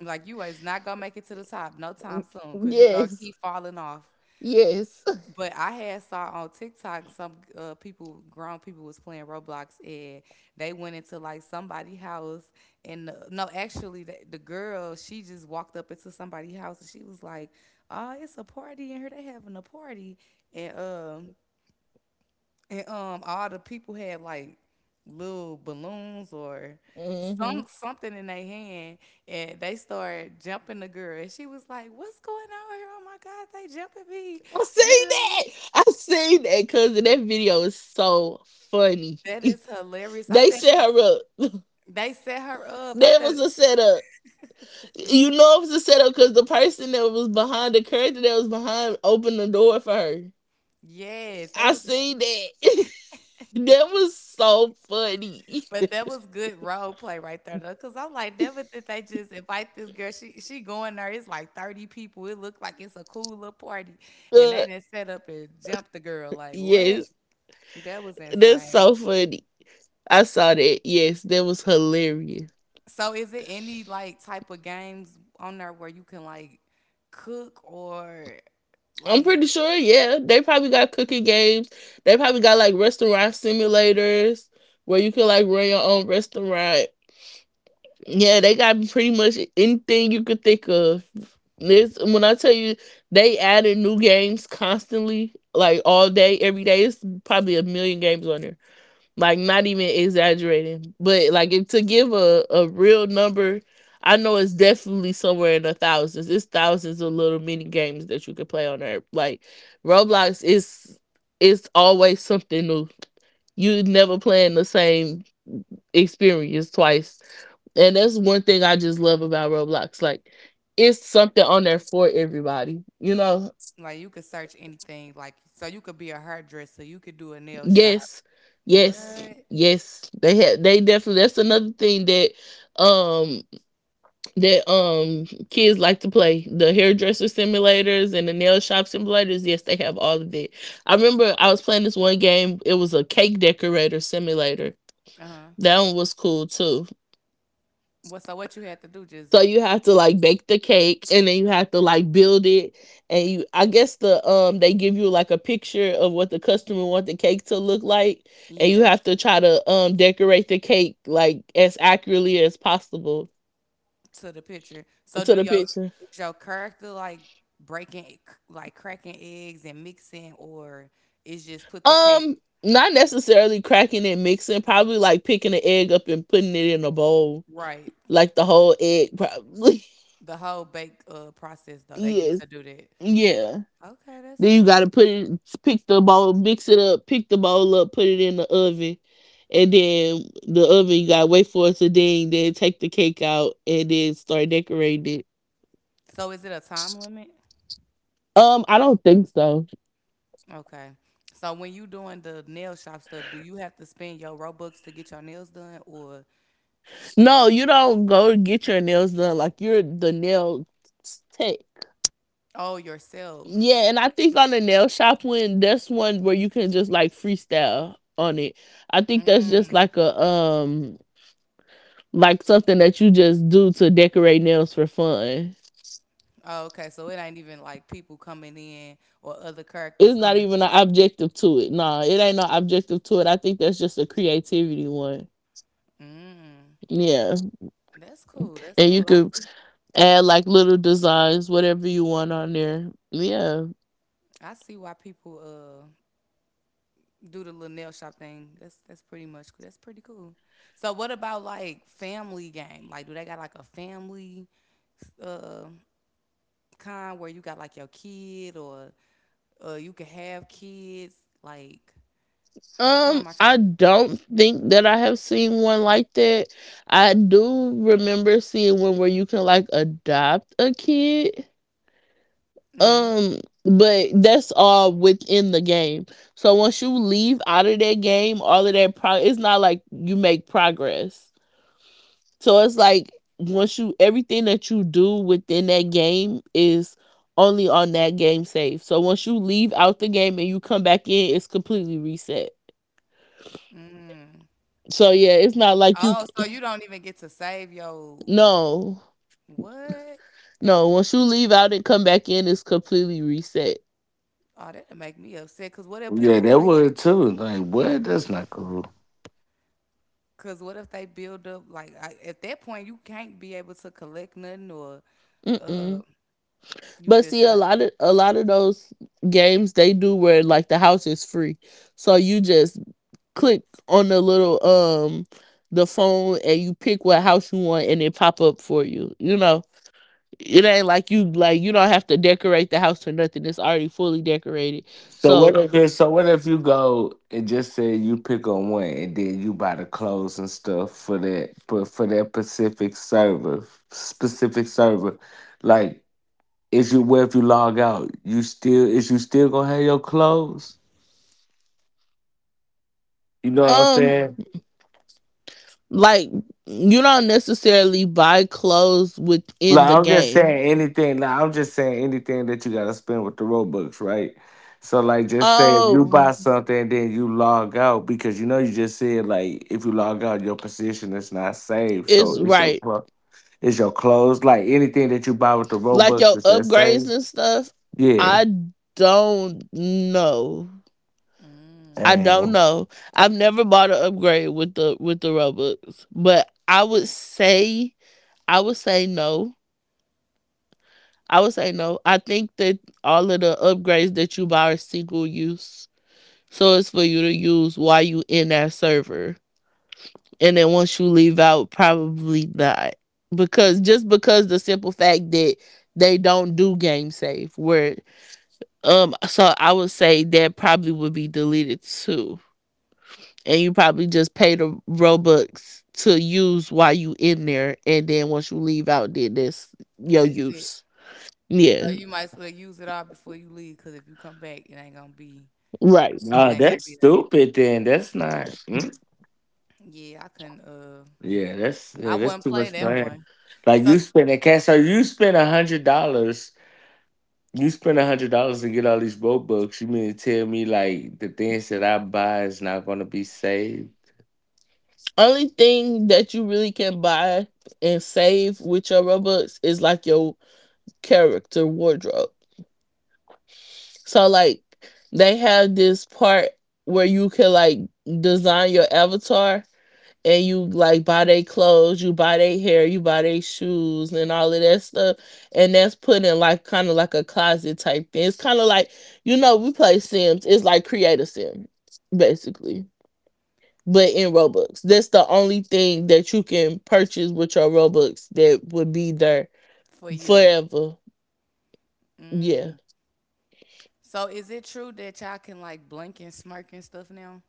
[SPEAKER 1] like you is not gonna make it to the top no time soon because you gonna
[SPEAKER 2] yes,
[SPEAKER 1] keep falling off.
[SPEAKER 2] yes.
[SPEAKER 1] But I had saw on TikTok some people, grown people, was playing Roblox and they went into like somebody's house and the, no, actually the girl she just walked up into somebody's house and she was like, "Oh, it's a party in here. They having a party." And um, And all the people had like little balloons or
[SPEAKER 2] hmm
[SPEAKER 1] something in their hand, and they started jumping the girl. And she was like, "What's going on here? Oh my God, they jumping me!"
[SPEAKER 2] I
[SPEAKER 1] Da, da,
[SPEAKER 2] seen
[SPEAKER 1] da.
[SPEAKER 2] that. I seen that because that video is so funny.
[SPEAKER 1] That is hilarious. I
[SPEAKER 2] They
[SPEAKER 1] said
[SPEAKER 2] set her up.
[SPEAKER 1] they set her up. I
[SPEAKER 2] That
[SPEAKER 1] said.
[SPEAKER 2] was a setup. You know it was a setup because the character that was behind opened the door for her.
[SPEAKER 1] Yes, they
[SPEAKER 2] I
[SPEAKER 1] was, like,
[SPEAKER 2] seen that. That was so funny.
[SPEAKER 1] but that was good role play right there though, cause I'm like, never did they just invite this girl. She going there. It's like 30 people. It looked like it's a cool little party, and they
[SPEAKER 2] Uh,
[SPEAKER 1] didn't set up and jump the girl. Like what?
[SPEAKER 2] yes,
[SPEAKER 1] That was
[SPEAKER 2] that's
[SPEAKER 1] insane.
[SPEAKER 2] so funny. I saw that. Yes, that was hilarious.
[SPEAKER 1] So is it any like type of games on there where you can like cook or
[SPEAKER 2] I'm
[SPEAKER 1] like
[SPEAKER 2] pretty sure, yeah. They probably got cooking games. They probably got like restaurant simulators where you can like run your own restaurant. Yeah, they got pretty much anything you could think of. This when I tell you they added new games constantly, like all day, every day. It's probably a million games on there. Like not even exaggerating, but like if to give a real number, I know it's definitely somewhere in the thousands. It's thousands of little mini games that you can play on there. Like Roblox is, it's always something new. You never playing the same experience twice, and that's one thing I just love about Roblox. Like it's something on there for everybody, you know?
[SPEAKER 1] like you could search anything like so you could be a hairdresser, you could do a nail shop.
[SPEAKER 2] Yes,
[SPEAKER 1] What?
[SPEAKER 2] yes, yes. They definitely, that's another thing that um kids like to play. The hairdresser simulators and the nail shop simulators, yes, they have all of it. I remember I was playing this one game, it was a cake decorator simulator.
[SPEAKER 1] Uh-huh.
[SPEAKER 2] That one was cool too.
[SPEAKER 1] Well, so what you had to do just
[SPEAKER 2] So you have to like bake the cake and then you have to like build it, and you, I guess the they give you like a picture of what the customer want the cake to look like, and you
[SPEAKER 1] yeah,
[SPEAKER 2] have to try to decorate the cake like as accurately as possible
[SPEAKER 1] to the picture. So
[SPEAKER 2] to
[SPEAKER 1] do
[SPEAKER 2] the
[SPEAKER 1] your
[SPEAKER 2] picture.
[SPEAKER 1] is your character like breaking like cracking eggs and mixing or is just put the cake
[SPEAKER 2] Um Not necessarily cracking and mixing, probably like picking an egg up and putting it in a bowl,
[SPEAKER 1] right.
[SPEAKER 2] like the whole egg probably.
[SPEAKER 1] The whole bake process though, they get
[SPEAKER 2] Yes.
[SPEAKER 1] to do that.
[SPEAKER 2] Yeah.
[SPEAKER 1] Okay, that's
[SPEAKER 2] Then you
[SPEAKER 1] cool.
[SPEAKER 2] gotta put it, pick the bowl, mix it up, pick the bowl up, put it in the oven, and then the oven you gotta wait for it to ding. Then take the cake out and then start decorating it.
[SPEAKER 1] So is it a time limit?
[SPEAKER 2] I don't think so.
[SPEAKER 1] Okay. So when you doing the nail shop stuff, do you have to spend your Robux to get your nails done or
[SPEAKER 2] No, you don't go get your nails done. Like you're the nail tech.
[SPEAKER 1] oh yourself?
[SPEAKER 2] Yeah, and I think on the nail shop one, that's one where you can just like freestyle on it. I think
[SPEAKER 1] Mm.
[SPEAKER 2] that's just like a like something that you just do to decorate nails for fun.
[SPEAKER 1] Oh, okay. So it ain't even like people coming in or other characters
[SPEAKER 2] It's not
[SPEAKER 1] coming.
[SPEAKER 2] even an objective to it. No, it ain't no objective to it. I think that's just a creativity one.
[SPEAKER 1] Mm.
[SPEAKER 2] Yeah.
[SPEAKER 1] That's cool. That's
[SPEAKER 2] And you
[SPEAKER 1] cool. I
[SPEAKER 2] could
[SPEAKER 1] see.
[SPEAKER 2] add like little designs, whatever you want on there. Yeah.
[SPEAKER 1] I see why people uh do the little nail shop thing. That's Pretty much cool. That's pretty cool. So what about like family game? Like do they got like a family? uh? Kind where you got like your kid or you can have kids? Like, how am I trying?
[SPEAKER 2] I don't think that I have seen one like that. I do remember seeing one where you can like adopt a kid.
[SPEAKER 1] Mm-hmm.
[SPEAKER 2] Um, but that's all within the game. So once you leave out of that game, all of that pro, it's not like you make progress. So it's like once you, everything that you do within that game is only on that game save. So once you leave out the game and you come back in, it's completely reset. So yeah, it's not like you
[SPEAKER 1] Oh,
[SPEAKER 2] c-
[SPEAKER 1] so you don't even get to save your
[SPEAKER 2] no,
[SPEAKER 1] what?
[SPEAKER 2] no. Once you leave out and come back in, it's completely reset.
[SPEAKER 1] Oh, that'll make me upset. Cause what if
[SPEAKER 3] yeah,
[SPEAKER 1] people
[SPEAKER 3] that
[SPEAKER 1] like?
[SPEAKER 3] one too. Like, what? That's not cool.
[SPEAKER 1] Cause what if they build up like at that point you can't be able to collect nothing or uh
[SPEAKER 2] Mm-mm.
[SPEAKER 1] you
[SPEAKER 2] But
[SPEAKER 1] just
[SPEAKER 2] see, a
[SPEAKER 1] start
[SPEAKER 2] lot of a lot of those games they do where like the house is free, so you just click on the little the phone and you pick what house you want and it pop up for you. You know, it ain't like you, like you don't have to decorate the house or nothing. It's already fully decorated.
[SPEAKER 3] So what
[SPEAKER 2] So
[SPEAKER 3] if it- so what if you go and just say you pick on one, and then you buy the clothes and stuff for that, but for that Pacific server, specific server, like is you what if you log out, you still is you still gonna have your clothes? You know what I'm
[SPEAKER 1] like
[SPEAKER 2] um
[SPEAKER 3] saying?
[SPEAKER 2] like you don't necessarily buy clothes
[SPEAKER 3] No,
[SPEAKER 2] within the
[SPEAKER 3] I'm just
[SPEAKER 2] game.
[SPEAKER 3] saying anything. No, I'm just saying anything that you gotta spend with the Robux, right? So like, just say if you
[SPEAKER 2] Oh,
[SPEAKER 3] buy something and then you log out because you know you just said like if you log out your position is not saved, so
[SPEAKER 2] it's
[SPEAKER 3] it's your
[SPEAKER 2] right.
[SPEAKER 3] it's your clothes. Like anything that you buy with the
[SPEAKER 2] Like
[SPEAKER 3] Robux,
[SPEAKER 2] your
[SPEAKER 3] is that
[SPEAKER 2] upgrades
[SPEAKER 3] saved.
[SPEAKER 2] and stuff,
[SPEAKER 3] Yeah.
[SPEAKER 2] I don't know. I
[SPEAKER 1] mm,
[SPEAKER 2] don't
[SPEAKER 3] And
[SPEAKER 2] know. I've never bought an upgrade with the Robux. But I would say, I would say no I would say no. I think that all of the upgrades that you buy are single use. So it's for you to use while you in that server. And then once you leave out, probably not. Because just because the simple fact that they don't do game save where so I would say that probably would be deleted too. And you probably just pay the Robux to use while you in there, and then once you leave out then that's your
[SPEAKER 1] that's it.
[SPEAKER 2] use. Yeah.
[SPEAKER 1] So you might as well use it all before you leave. Cause if you come back,
[SPEAKER 2] Right.
[SPEAKER 1] it
[SPEAKER 3] no,
[SPEAKER 1] ain't
[SPEAKER 3] that's
[SPEAKER 1] gonna be there.
[SPEAKER 3] stupid. Then that's not. Mm.
[SPEAKER 1] Yeah, I couldn't.
[SPEAKER 3] Yeah,
[SPEAKER 1] I
[SPEAKER 3] that's
[SPEAKER 1] wouldn't
[SPEAKER 3] too much
[SPEAKER 1] play that
[SPEAKER 3] fun.
[SPEAKER 1] one.
[SPEAKER 3] Like you
[SPEAKER 1] So
[SPEAKER 3] spending cash, so you spend $100. You spend $100 to get all these road books. You mean to tell me like the things that I buy is not gonna be saved?
[SPEAKER 2] Only thing that you really can buy and save with your Robux is like your character wardrobe. So like they have this part where you can like design your avatar, and you like buy their clothes, you buy their hair, you buy their shoes and all of that stuff. And that's put in like kind of like a closet type thing. It's kind of like, you know, we play Sims. It's like create a Sim, basically, but in Robux. That's the only thing that you can purchase with your Robux that would be there
[SPEAKER 1] for you.
[SPEAKER 2] forever. Yeah.
[SPEAKER 1] So is it true that y'all can like blink and smirk and stuff now?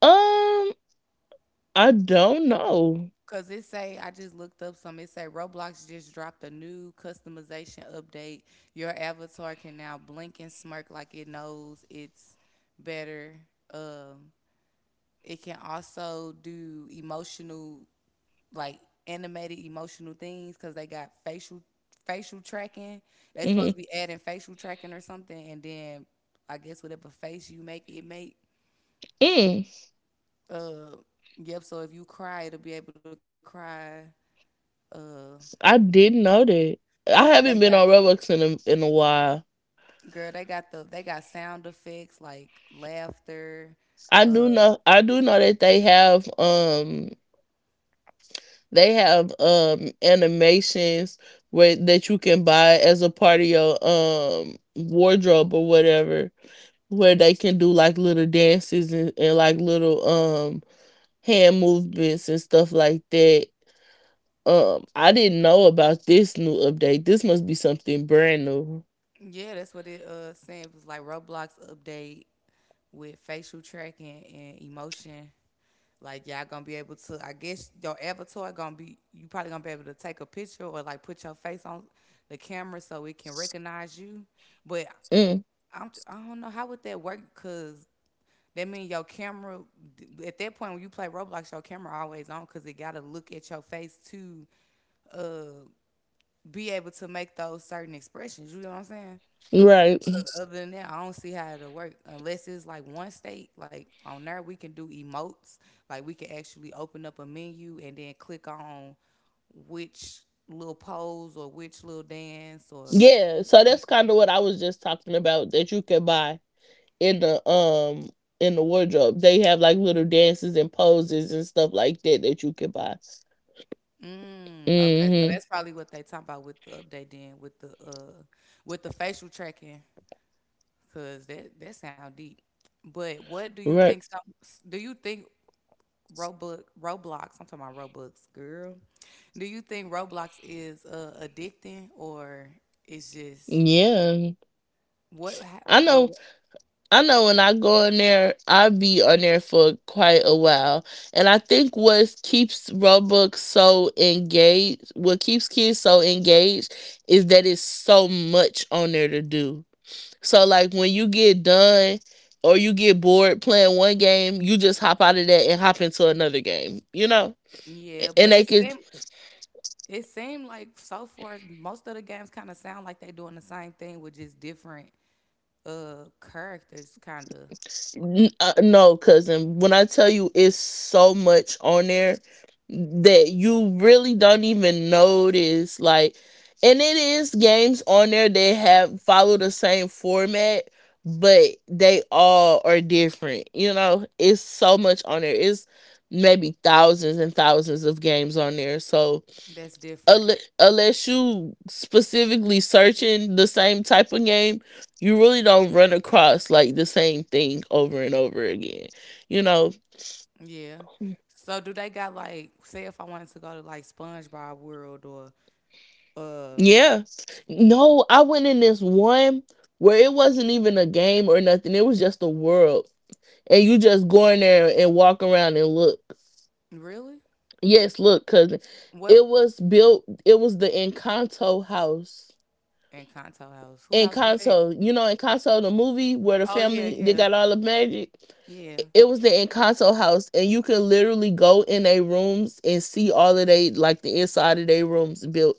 [SPEAKER 2] Um, I don't know.
[SPEAKER 1] Cause it say I just looked up some. It say Roblox just dropped a new customization update. Your avatar can now blink and smirk like it knows it's better. Um, it can also do emotional like animated emotional things because they got facial tracking. They
[SPEAKER 2] hmm
[SPEAKER 1] supposed to be adding facial tracking or something, and then I guess whatever face you make, it make.
[SPEAKER 2] Mm,
[SPEAKER 1] Uh, yep. So if you cry, it'll be able to cry. Uh,
[SPEAKER 2] I didn't know that. I
[SPEAKER 1] they
[SPEAKER 2] haven't
[SPEAKER 1] got
[SPEAKER 2] been on Robux in in a while.
[SPEAKER 1] girl. They got the they got sound effects like laughter.
[SPEAKER 2] I do know. I do know that they have animations where that you can buy as a part of your wardrobe or whatever, where they can do like little dances and like little hand movements and stuff like that. I didn't know about this new update. This must be something brand new.
[SPEAKER 1] Yeah, that's what it saying. It was like Roblox update with facial tracking and emotion. Like y'all gonna be able to I guess your avatar gonna be you probably gonna be able to take a picture or like put your face on the camera so it can recognize you. But
[SPEAKER 2] Mm,
[SPEAKER 1] I don't know how would that work cuz that mean your camera at that point when you play Roblox, your camera always on because it gotta look at your face to uh be able to make those certain expressions. You know what I'm saying?
[SPEAKER 2] right.
[SPEAKER 1] But other than that, I don't see how it'll work unless it's like one state. Like on there, we can do emotes. Like we can actually open up a menu and then click on which little pose or which little dance or
[SPEAKER 2] Yeah. So that's kind of what I was just talking about that you can buy in the um in the wardrobe. They have like little dances and poses and stuff like that that you can buy.
[SPEAKER 1] mm, okay. So
[SPEAKER 2] Mm-hmm.
[SPEAKER 1] that's probably what they talking about with the update then with the facial tracking because that sound deep. But what do you think?
[SPEAKER 2] Right.
[SPEAKER 1] Some do you think Roblox. I'm talking about Roblox, girl. Do you think Roblox is addicting or it's just
[SPEAKER 2] Yeah.
[SPEAKER 1] what?
[SPEAKER 2] I know, I know when I go in there, I be on there for quite a while. And I think what keeps Roblox so engaged, what keeps kids so engaged is that it's so much on there to do. So like when you get done or you get bored playing one game, you just hop out of that and hop into another game, you know?
[SPEAKER 1] Yeah,
[SPEAKER 2] And
[SPEAKER 1] but
[SPEAKER 2] they could.
[SPEAKER 1] it seemed like so far most of the games kind of sound like they're doing the same thing with just different characters, kind of.
[SPEAKER 2] N- no, cousin. When I tell you it's so much on there that you really don't even notice. Like, and it is games on there that have follow the same format, but they all are different. You know, it's so much on there. It's maybe thousands and thousands of games on there. So,
[SPEAKER 1] That's different.
[SPEAKER 2] unle- unless you specifically searching the same type of game, you really don't run across like the same thing over and over again. You know,
[SPEAKER 1] Yeah. So do they got like say if I wanted to go to like SpongeBob World or um
[SPEAKER 2] yeah. No, I went in this one where it wasn't even a game or nothing. It was just a world. And you just go in there and walk around and look.
[SPEAKER 1] really
[SPEAKER 2] Yes, look, cousin.
[SPEAKER 1] what?
[SPEAKER 2] It was built, it was the Encanto house.
[SPEAKER 1] And Kanto House. Who house is that?
[SPEAKER 2] Encanto, you know Encanto the movie where the
[SPEAKER 1] Oh, yeah,
[SPEAKER 2] family they
[SPEAKER 1] yeah,
[SPEAKER 2] got all the magic.
[SPEAKER 1] yeah.
[SPEAKER 2] It was the Encanto house, and you can literally go in their rooms and see all of they, like the inside of their rooms built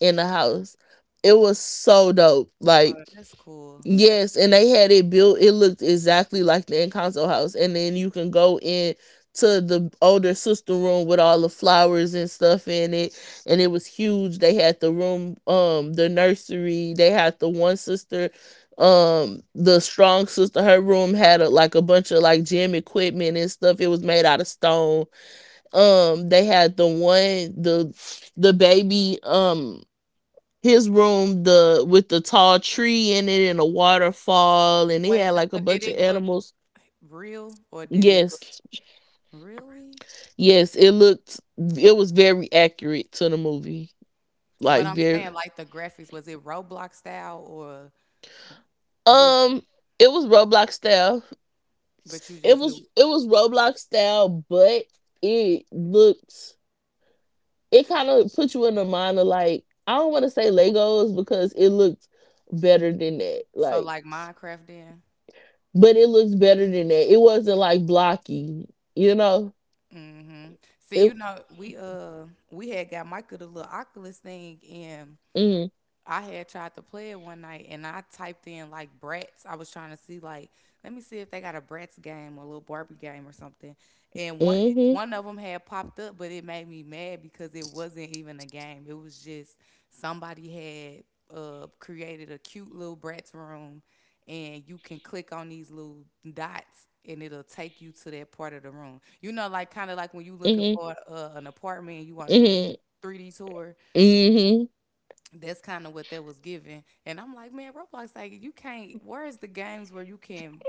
[SPEAKER 2] in the house. It was so dope. Like
[SPEAKER 1] Oh, that's cool. That's
[SPEAKER 2] yes, and
[SPEAKER 1] cool.
[SPEAKER 2] they had it built. It looked exactly like the Encanto house, and then you can go in to the older sister room with all the flowers and stuff in it, and it was huge. They had the room, the nursery. They had the one sister, the strong sister. Her room had a, like a bunch of like gym equipment and stuff. It was made out of stone. They had the baby. His room, the with the tall tree in it and a waterfall, and it
[SPEAKER 1] Wait,
[SPEAKER 2] had like a
[SPEAKER 1] but did
[SPEAKER 2] bunch of
[SPEAKER 1] it look
[SPEAKER 2] animals.
[SPEAKER 1] real or did it look
[SPEAKER 2] Yes,
[SPEAKER 1] really?
[SPEAKER 2] yes, it looked, it was very accurate to the movie,
[SPEAKER 1] But
[SPEAKER 2] like
[SPEAKER 1] I'm
[SPEAKER 2] very.
[SPEAKER 1] saying, like, the graphics, was it Roblox style or was,
[SPEAKER 2] um it was Roblox style.
[SPEAKER 1] but you
[SPEAKER 2] it
[SPEAKER 1] just
[SPEAKER 2] was
[SPEAKER 1] knew.
[SPEAKER 2] it was Roblox style, but it looked, it kind of put you in the mind of like, I don't want to say Legos because it looked better than that.
[SPEAKER 1] So,
[SPEAKER 2] Like
[SPEAKER 1] like Minecraft then?
[SPEAKER 2] but it looks better than that, it wasn't like blocky, you know?
[SPEAKER 1] Mm-hmm. See, you
[SPEAKER 2] It,
[SPEAKER 1] know, we had got Micah the little Oculus thing and
[SPEAKER 2] mm,
[SPEAKER 1] I had tried to play it one night and I typed in like Bratz. I was trying to see like, let me see if they got a Bratz game or a little Barbie game or something. And one
[SPEAKER 2] mhm,
[SPEAKER 1] one of them had popped up, but it made me mad because it wasn't even a game. It was just somebody had created a cute little Bratz room, and you can click on these little dots and it'll take you to that part of the room. You know, like kind of like when you looking
[SPEAKER 2] mhm,
[SPEAKER 1] for an apartment, and you want to do a
[SPEAKER 2] mhm,
[SPEAKER 1] 3D tour
[SPEAKER 2] mhm,
[SPEAKER 1] that's kind of what that was given. And I'm like, man, Roblox, like you can't. Where's the games where you can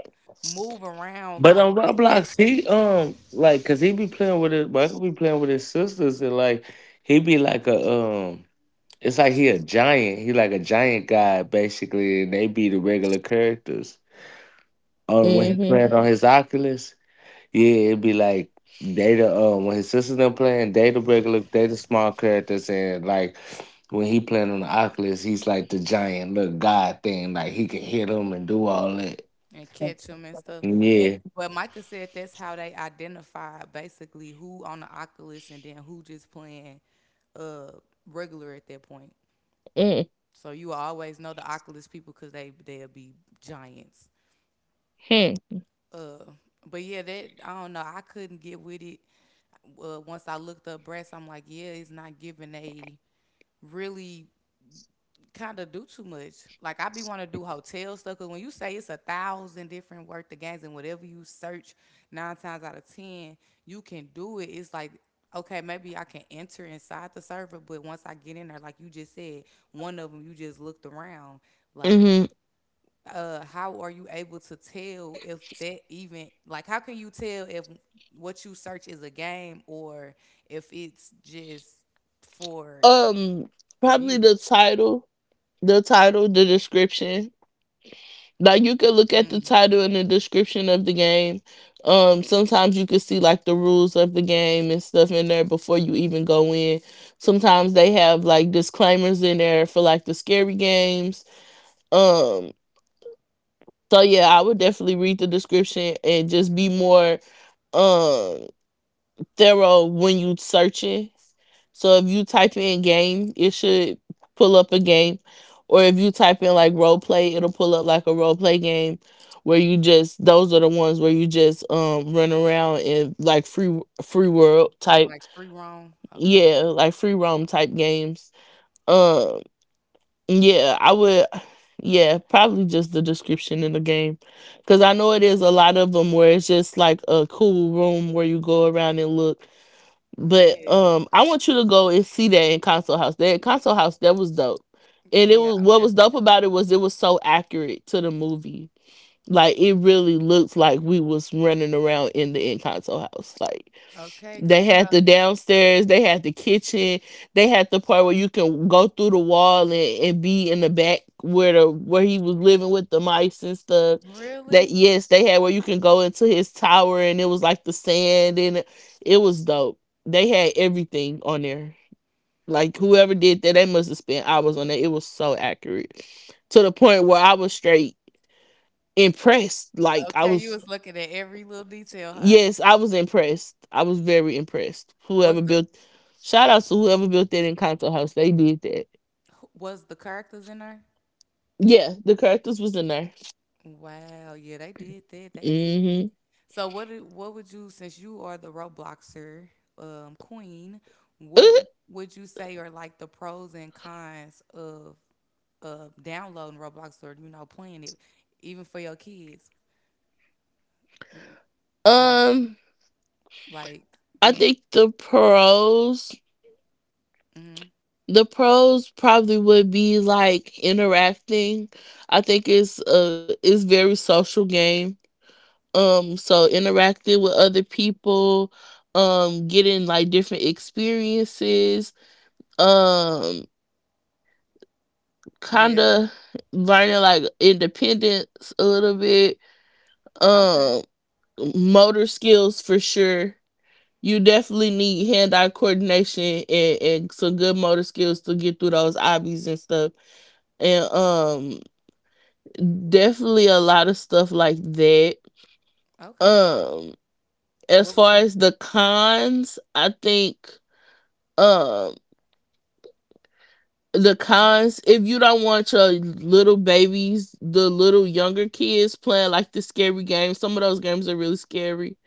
[SPEAKER 1] move around
[SPEAKER 3] But
[SPEAKER 1] like
[SPEAKER 3] on
[SPEAKER 1] it
[SPEAKER 3] Roblox, he like cause he be playing with his Michael be playing with his sisters and like he be like a um it's like he a giant. He like a giant guy basically and they be the regular characters.
[SPEAKER 1] yeah,
[SPEAKER 3] When he
[SPEAKER 2] mhm,
[SPEAKER 3] playing on his Oculus. Yeah, it'd be like Data. When his sister's them playing, Data regular, Data small characters, and like when he playing on the Oculus, he's like the giant little god thing. Like he can hit him and do all that.
[SPEAKER 1] and catch them and stuff. And
[SPEAKER 3] Yeah.
[SPEAKER 1] but Micah said that's how they identify basically who on the Oculus and then who just playing uh regular at that point.
[SPEAKER 2] mhm,
[SPEAKER 1] So you always know the Oculus people because they'll be giants.
[SPEAKER 2] mhm,
[SPEAKER 1] Uh, but yeah, that I don't know. I couldn't get with it. Once I looked up breasts, I'm like, yeah, it's not giving a really kind of do too much. Like I be want to do hotel stuff. Cause when you say it's a thousand different worth of games and whatever you search, nine times out of ten you can do it. It's like okay, maybe I can enter inside the server, but once I get in there, like you just said, one of them you just looked around. Like
[SPEAKER 2] mhm.
[SPEAKER 1] how are you able to tell if that even like how can you tell if what you search is a game or if it's just for
[SPEAKER 2] Um, probably
[SPEAKER 1] view
[SPEAKER 2] the title, the title, the description. Like you could look at the title and the description of the game. Sometimes you could see like the rules of the game and stuff in there before you even go in. Sometimes they have like disclaimers in there for like the scary games. Um, so yeah, I would definitely read the description and just be more. Um thorough when you searching. So if you type in game, it should pull up a game. Or if you type in like role play, it'll pull up like a role play game where you just those are the ones where you just run around in like free world type
[SPEAKER 1] like free roam okay
[SPEAKER 2] yeah, like free roam type games. Um yeah, I would yeah, probably just the description in the game. Cause I know it is a lot of them where it's just like a cool room where you go around and look but
[SPEAKER 1] yeah
[SPEAKER 2] I want you to go and see that in Console House. That Console House, that was dope. And it
[SPEAKER 1] yeah
[SPEAKER 2] was
[SPEAKER 1] I'm
[SPEAKER 2] what was
[SPEAKER 1] definitely
[SPEAKER 2] dope about it was so accurate to the movie. Like it really looked like we was running around in the in console house. Like
[SPEAKER 1] okay
[SPEAKER 2] they
[SPEAKER 1] because you
[SPEAKER 2] had
[SPEAKER 1] know
[SPEAKER 2] the downstairs, they had the kitchen, they had the part where you can go through the wall and be in the back where the where he was living with the mice and stuff. That
[SPEAKER 1] really
[SPEAKER 2] yes, they had where you can go into his tower and it was like the sand it was dope. They had everything on there. Like whoever did that, they must have spent hours on that. It was so accurate. To the point where I was straight impressed. Like I
[SPEAKER 1] okay you
[SPEAKER 2] was.
[SPEAKER 1] was looking at every little detail huh
[SPEAKER 2] Yes, I was impressed. I was very impressed.
[SPEAKER 1] was
[SPEAKER 2] Whoever
[SPEAKER 1] the
[SPEAKER 2] built, shout out to whoever built that Encanto house. They did that.
[SPEAKER 1] was the characters in there
[SPEAKER 2] Yeah, the characters was in there.
[SPEAKER 1] wow yeah they did that they did.
[SPEAKER 2] Hmm.
[SPEAKER 1] So what would you since you are the Robloxer queen, what would you say are like the pros and cons of downloading Roblox or you know playing it even for your kids? Like
[SPEAKER 2] Um,
[SPEAKER 1] like do
[SPEAKER 2] I
[SPEAKER 1] you
[SPEAKER 2] think
[SPEAKER 1] mhm.
[SPEAKER 2] the pros probably would be like interacting. I think it's a it's very social game. So interacting with other people, getting like different experiences. um. Kind
[SPEAKER 1] Yeah.
[SPEAKER 2] of learning like independence a little bit,
[SPEAKER 1] Okay.
[SPEAKER 2] um motor skills for sure. You definitely need hand-eye coordination and some good motor skills to get through those obbies and stuff, and definitely a lot of stuff like that.
[SPEAKER 1] Okay.
[SPEAKER 2] um as
[SPEAKER 1] What would
[SPEAKER 2] far
[SPEAKER 1] you
[SPEAKER 2] as the cons, I think um the
[SPEAKER 1] like?
[SPEAKER 2] cons if you don't want your little babies, the little younger kids, playing like the scary games, some of those games are really scary.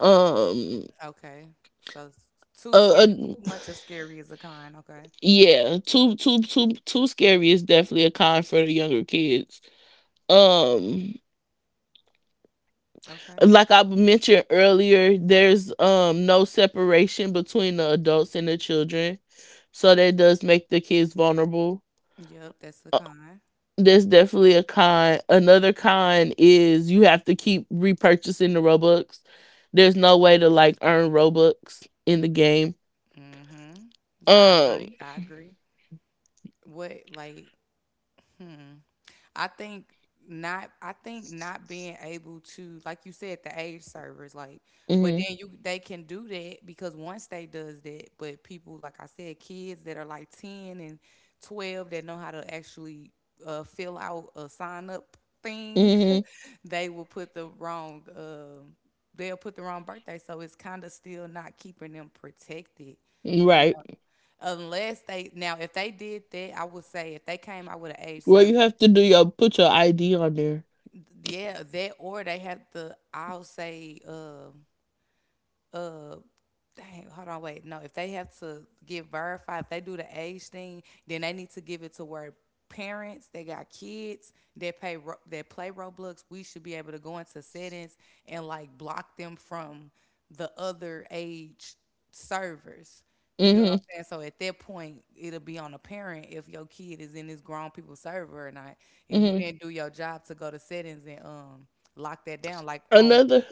[SPEAKER 2] um
[SPEAKER 1] Okay. So s- Too
[SPEAKER 2] uh,
[SPEAKER 1] scary, too
[SPEAKER 2] uh
[SPEAKER 1] much of scary is a con. Okay.
[SPEAKER 2] yeah, too scary is definitely a con for the younger kids. um
[SPEAKER 1] Okay.
[SPEAKER 2] like I mentioned earlier, there's no separation between the adults and the children, so that does make the kids vulnerable.
[SPEAKER 1] Yep, that's the con.
[SPEAKER 2] That's definitely a con. Another con is you have to keep repurchasing the Robux. There's no way to like earn Robux in the game.
[SPEAKER 1] Mm. Mhm. I
[SPEAKER 2] Um,
[SPEAKER 1] agree. I agree. What like? Hmm. I think I think not being able to like you said the age servers like but
[SPEAKER 2] mhm,
[SPEAKER 1] then you they can do that because once they does that but people like I said kids that are like 10 and 12 that know how to actually fill out a sign up thing
[SPEAKER 2] mhm,
[SPEAKER 1] they will put the wrong they'll put the wrong birthday so it's kind of still not keeping them protected you know
[SPEAKER 2] right.
[SPEAKER 1] unless they now if they did that I would say if they came out with an age
[SPEAKER 2] Well,
[SPEAKER 1] service
[SPEAKER 2] you have to do your put your ID on there.
[SPEAKER 1] yeah, that or they have to. I'll say uh Dang, hold on, wait. No, if they have to get verified, if they do the age thing, then they need to give it to where parents they got kids that that play Roblox. We should be able to go into settings and like block them from the other age servers. You get what I'm
[SPEAKER 2] Mhm,
[SPEAKER 1] saying? So at that point, it'll be on a parent if your kid is in this grown people server or not. If you
[SPEAKER 2] mhm.
[SPEAKER 1] didn't do your job to go to settings and lock that down, like on
[SPEAKER 2] Another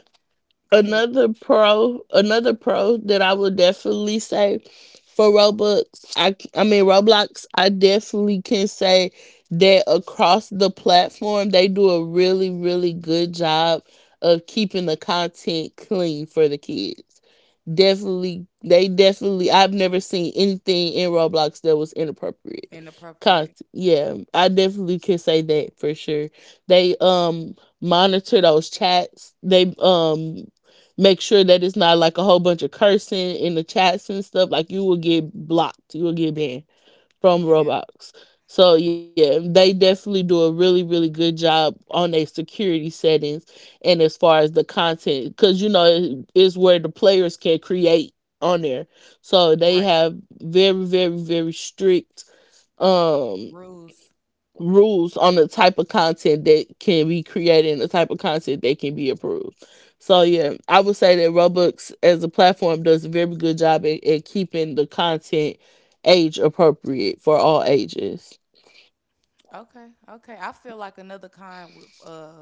[SPEAKER 1] go ahead
[SPEAKER 2] another pro, another pro that I would definitely say for Roblox, I mean Roblox, I definitely can say that across the platform, they do a really really good job of keeping the content clean for the kids. Definitely they definitely I've never seen anything in Roblox that was inappropriate. Con-
[SPEAKER 1] inappropriate.
[SPEAKER 2] yeah, I definitely can say that for sure. They monitor those chats. They make sure that it's not like a whole bunch of cursing in the chats and stuff. Like you will get blocked, you will get banned from
[SPEAKER 1] Yeah,
[SPEAKER 2] Roblox. So yeah, they definitely do a really really good job on their security settings, and as far as the content, because you know it is where the players can create on there. So they
[SPEAKER 1] right.
[SPEAKER 2] have very strict, Um,
[SPEAKER 1] Rules.
[SPEAKER 2] rules on the type of content that can be created and the type of content that can be approved. So yeah, I would say that Robux as a platform does a very good job at keeping the content age appropriate for all ages.
[SPEAKER 1] Okay, okay. I feel like another kind with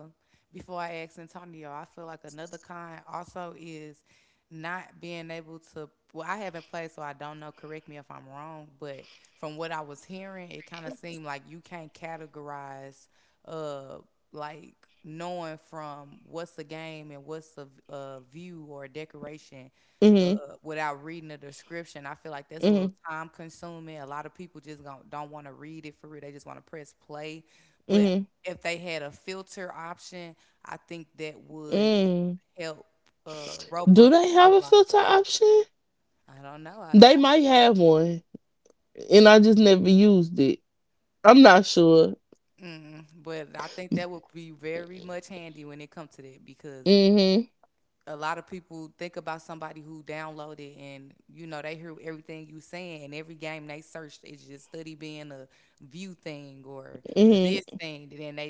[SPEAKER 1] before I ask Antonio, I feel like another kind also is not being able to well, I haven't played so I don't know, correct me if I'm wrong, but from what I was hearing, it kind of seemed like you can't categorize uh, like knowing from what's a game and what's a, a view or a decoration
[SPEAKER 2] Mhm.
[SPEAKER 1] uh, without reading the description. I feel like that's a little
[SPEAKER 2] Mhm.
[SPEAKER 1] time consuming. A lot of people just don't want to read it for real. They just want to press play. But
[SPEAKER 2] Mhm.
[SPEAKER 1] if they had a filter option, I think that would
[SPEAKER 2] Mm.
[SPEAKER 1] help Roblox.
[SPEAKER 2] Do they have a
[SPEAKER 1] Roblox.
[SPEAKER 2] filter option?
[SPEAKER 1] I don't know.
[SPEAKER 2] They might have one, and I just never used it. I'm not sure.
[SPEAKER 1] Mm, but I think that would be very much handy when it comes to that because
[SPEAKER 2] Mhm.
[SPEAKER 1] a lot of people think about somebody who downloaded and you know they hear everything you saying and every game they searched is just study being a view thing or a this
[SPEAKER 2] Mhm.
[SPEAKER 1] thing then they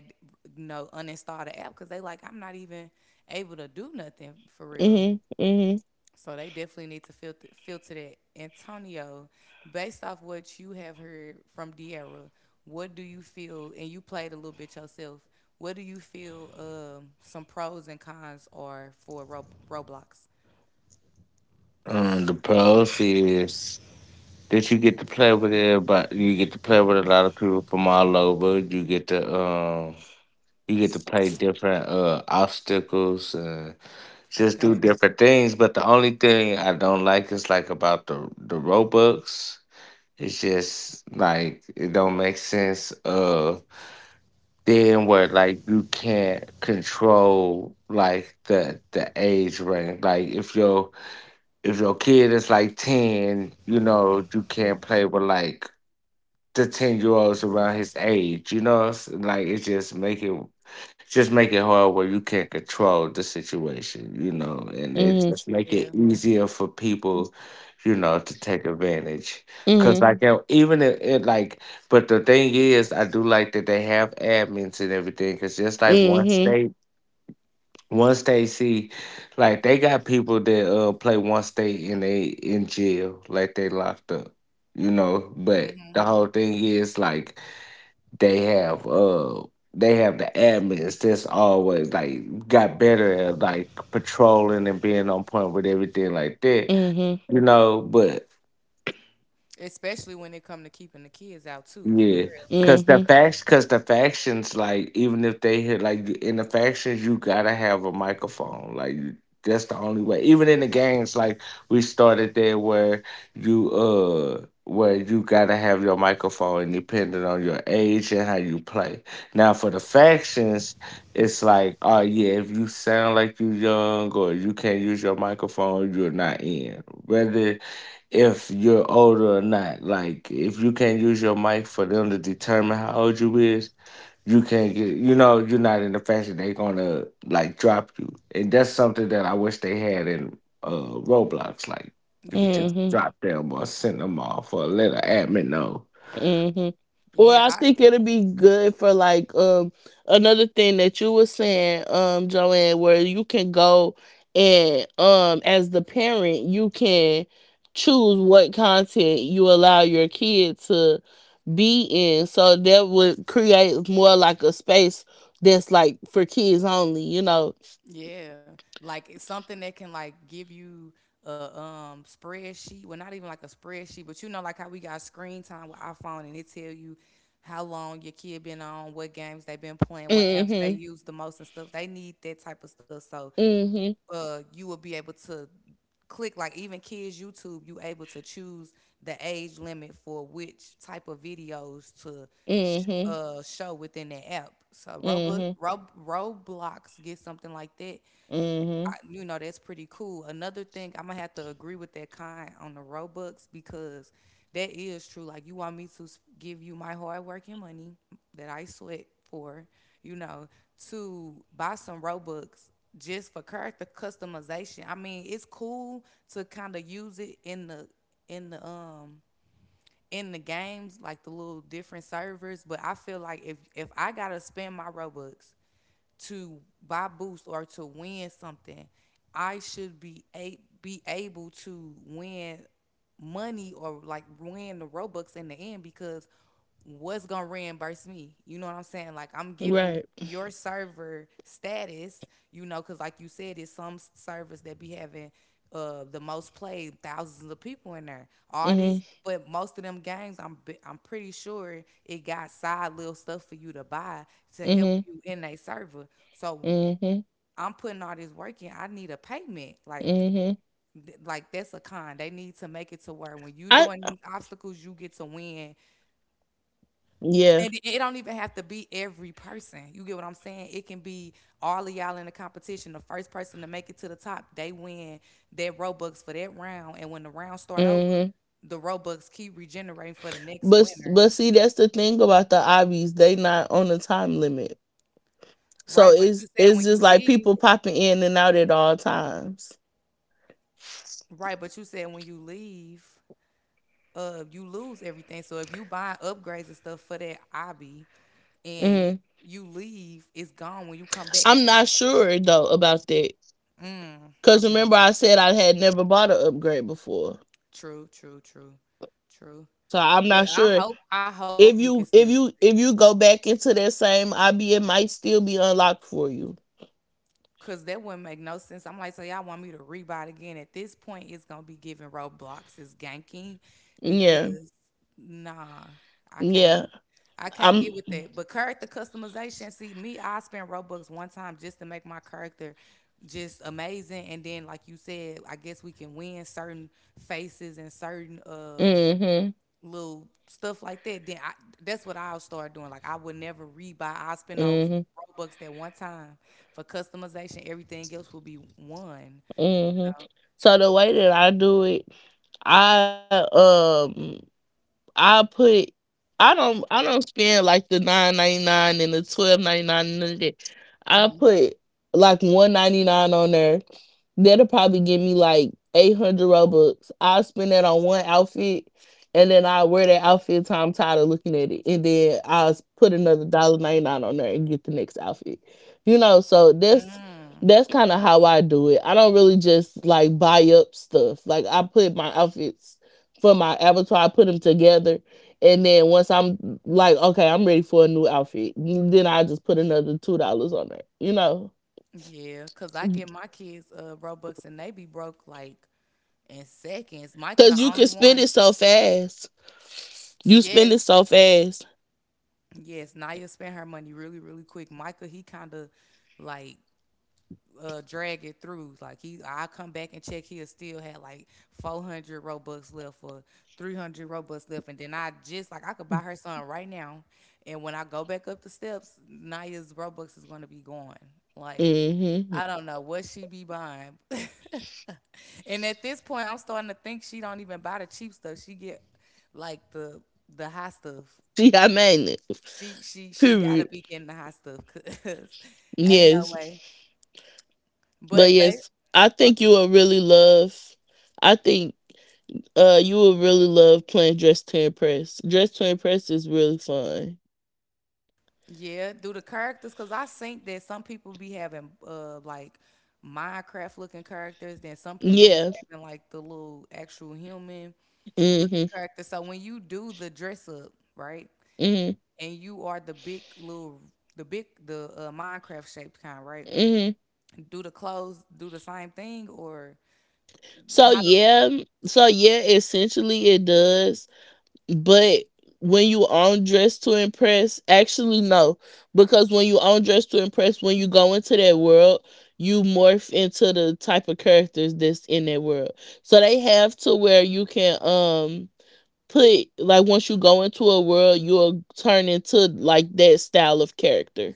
[SPEAKER 1] you know uninstall the app because they like I'm not even able to do nothing for real
[SPEAKER 2] Mhm. Mhm.
[SPEAKER 1] so they definitely need to filter that Antonio based off what you have heard from De'Ara, what do you feel and you played a little bit yourself what do you feel some pros and cons are for Roblox.
[SPEAKER 3] The pros is that you get to play with everybody. You get to play with a lot of people from all over. You get to play different obstacles, just
[SPEAKER 1] Okay.
[SPEAKER 3] do different things. But the only thing I don't like is like about the Robux. It's just like it don't make sense. Then where like you can't control like the age range. Like if your kid is like ten, you know you can't play with like the 10 year olds around his age. You know, it's like it just make it just make it hard where you can't control the situation. You know, and it
[SPEAKER 2] Mhm.
[SPEAKER 3] just make
[SPEAKER 1] Yeah.
[SPEAKER 3] it easier for people, you know, to take advantage. Cause
[SPEAKER 2] Mhm.
[SPEAKER 3] like even it, it like, But the thing is, I do like that they have admins and everything. Cause just like one
[SPEAKER 2] Mhm.
[SPEAKER 3] state. Once they see, like they got people that play one state and they in jail, like they locked up, you know. But
[SPEAKER 1] Hmm.
[SPEAKER 3] the whole thing is like they have uh they have the admins that's always like got better at like patrolling and being on point with everything like that,
[SPEAKER 2] Mhm.
[SPEAKER 3] you know. But
[SPEAKER 1] Especially when it come to keeping the kids out too, for
[SPEAKER 3] yeah,
[SPEAKER 1] real.
[SPEAKER 3] cause the
[SPEAKER 2] Mhm.
[SPEAKER 3] facts, cause the factions, like even if they hit like in the factions, you gotta have a microphone. That's the only way. Even in the games, like we started there where you gotta have your microphone, depending on your age and how you play. Now for the factions, it's like oh yeah, if you sound like you young or you can't use your microphone, you're not in. Whether if you're older or not. Like if you can't use your mic for them to determine how old you is, you can't get, you know, you're not in the fashion, they're gonna like drop you. And that's something that I wish they had in uh Roblox. Like you could
[SPEAKER 1] Yeah.
[SPEAKER 3] just
[SPEAKER 2] Mhm.
[SPEAKER 3] drop them or send them off or let an admin know.
[SPEAKER 2] Mhm.
[SPEAKER 1] Yeah.
[SPEAKER 2] Or I
[SPEAKER 1] I
[SPEAKER 2] think it'll be good for like another thing that you were saying, Joanne, where you can go and as the parent you can choose what content you allow your kid to be in. So that would create more like a space that's like for kids only, you know.
[SPEAKER 1] yeah. Like it's something that can like give you a spreadsheet. Well, not even like a spreadsheet, but you know like how we got screen time with iPhone and it tell you how long your kid been on, what games they been playing, what apps they
[SPEAKER 2] Mhm.
[SPEAKER 1] use the most and stuff. They need that type of stuff. So
[SPEAKER 2] Mhm.
[SPEAKER 1] you will be able to click like even kids YouTube, you able to choose the age limit for which type of videos to
[SPEAKER 2] Mhm.
[SPEAKER 1] show within the app. So
[SPEAKER 2] Mhm.
[SPEAKER 1] Roblox get something like that
[SPEAKER 2] Mhm.
[SPEAKER 1] I, you know, that's pretty cool. Another thing, I'm gonna have to agree with that kind on the Robux because that is true. Like, you want me to give you my hard work and money that I sweat for, you know, to buy some Robux just for character customization. I mean, it's cool to kind of use it in the in the in the games, like the little different servers. But I feel like if I gotta spend my Robux to buy boosts or to win something, I should be able to win money or like win the Robux in the end because what's gonna reimburse me? You know what I'm saying? Like I'm giving
[SPEAKER 2] Right.
[SPEAKER 1] your server status, you know, because like you said, it's some s- servers that be having the most plays, thousands of people in there. All these,
[SPEAKER 2] Mhm.
[SPEAKER 1] but most of them games, I'm pretty sure it got side little stuff for you to buy to help
[SPEAKER 2] Mhm.
[SPEAKER 1] you in a server. So
[SPEAKER 2] Mhm.
[SPEAKER 1] I'm putting all this work in. I need a payment. Like,
[SPEAKER 2] Mhm.
[SPEAKER 1] like that's a con. They need to make it to where when you
[SPEAKER 2] I
[SPEAKER 1] doing these obstacles, you get to win.
[SPEAKER 2] yeah.
[SPEAKER 1] And it don't even have to be every person. You get what I'm saying? It can be all of y'all in the competition. The first person to make it to the top, they win their Robux for that round. And when the round start over,
[SPEAKER 2] Hmm.
[SPEAKER 1] the Robux keep regenerating for the next
[SPEAKER 2] But
[SPEAKER 1] winner.
[SPEAKER 2] but see, that's the thing about the Ivies. They not on a time limit, so
[SPEAKER 1] Right. But you
[SPEAKER 2] it's
[SPEAKER 1] said
[SPEAKER 2] it's
[SPEAKER 1] when
[SPEAKER 2] just
[SPEAKER 1] you
[SPEAKER 2] like
[SPEAKER 1] leave,
[SPEAKER 2] people popping in and out at all times.
[SPEAKER 1] right, but you said when you leave you lose everything. So if you buy upgrades and stuff for that hobby and
[SPEAKER 2] Hmm.
[SPEAKER 1] you leave, it's gone when you come back.
[SPEAKER 2] I'm not sure though about that
[SPEAKER 1] Mm,
[SPEAKER 2] because
[SPEAKER 1] okay.
[SPEAKER 2] remember I said I had never bought an upgrade before,
[SPEAKER 1] True, true, true, true.
[SPEAKER 2] so I'm
[SPEAKER 1] Well,
[SPEAKER 2] not sure
[SPEAKER 1] I hope you
[SPEAKER 2] if
[SPEAKER 1] can still keep it.
[SPEAKER 2] you go back into that same IB, it might still be unlocked for you.
[SPEAKER 1] Cause that wouldn't make no sense. I'm like, so y'all want me to rebuy it again. At this point, it's gonna be giving Roblox. It's ganking
[SPEAKER 2] Yeah,
[SPEAKER 1] because nah, I can't
[SPEAKER 2] yeah.
[SPEAKER 1] I can't
[SPEAKER 2] I'm.
[SPEAKER 1] get with that. But character customization, see me, I spent Robux one time just to make my character just amazing. And then like you said, I guess we can win certain faces and certain
[SPEAKER 2] Hmm.
[SPEAKER 1] little stuff like that. Then I That's what I'll start doing. Like I would never rebuy. I'll spend those
[SPEAKER 2] Hmm.
[SPEAKER 1] Robux that one time for customization. Everything else will be one, you
[SPEAKER 2] Hmm.
[SPEAKER 1] know.
[SPEAKER 2] So the way that I do it. I um I put I don't spend like the 9.99 and the 12.99 none of that. I put like 1.99 on there. That'll probably give me like 800 Robux. I'll spend that on one outfit and then I'll wear that outfit till I'm tired of looking at it. And then put another dollar 99 on there and get the next outfit. You know, so that's
[SPEAKER 1] Mm,
[SPEAKER 2] that's kind of how I do it. I don't really just like buy up stuff. Like I put my outfits for my avatar, I put them together. And then once I'm like, okay, I'm ready for a new outfit, then I just put another $2 on there, you know?
[SPEAKER 1] yeah, cause I get my kids Robux and they be broke like in seconds. Micah
[SPEAKER 2] Because
[SPEAKER 1] the
[SPEAKER 2] you
[SPEAKER 1] only
[SPEAKER 2] can spend
[SPEAKER 1] one.
[SPEAKER 2] it so fast. You spend
[SPEAKER 1] Yes,
[SPEAKER 2] it so fast.
[SPEAKER 1] yes. Naya spent her money really, really quick. Micah, he kind of like drag it through. Like he, I come back and check. He'll still had like 400 robux left or 300 robux left, and then I just like I could buy her something right now. And when I go back up the steps, Naya's robux is gonna be gone. Like
[SPEAKER 2] Mm-hmm.
[SPEAKER 1] I don't know what she be buying. And at this point, I'm starting to think she don't even buy the cheap stuff. She get like the high stuff.
[SPEAKER 2] See, I made it.
[SPEAKER 1] She gotta
[SPEAKER 2] Period.
[SPEAKER 1] be getting the high stuff, cause ain't no
[SPEAKER 2] Yes.
[SPEAKER 1] way.
[SPEAKER 2] But
[SPEAKER 1] But ba-
[SPEAKER 2] yes, I think you will really love. I think you will really love playing Dress to Impress. Dress to Impress is really fun.
[SPEAKER 1] Yeah, do the characters because I think that some people be having like Minecraft looking characters, then some people be
[SPEAKER 2] Yeah.
[SPEAKER 1] having like the little actual human looking
[SPEAKER 2] Mm-hmm.
[SPEAKER 1] character. So when you do the dress up, right,
[SPEAKER 2] Mm-hmm.
[SPEAKER 1] and you are the big the Minecraft shaped kind, right?
[SPEAKER 2] Mm-hmm.
[SPEAKER 1] Do the clothes do the same thing or
[SPEAKER 2] So
[SPEAKER 1] how do?
[SPEAKER 2] yeah. So yeah, essentially it does. But when you on dress to impress, actually no, because when you on dress to impress, when you go into that world, you morph into the type of characters that's in that world. So they have to where you can put like once you go into a world, you'll turn into like that style of character.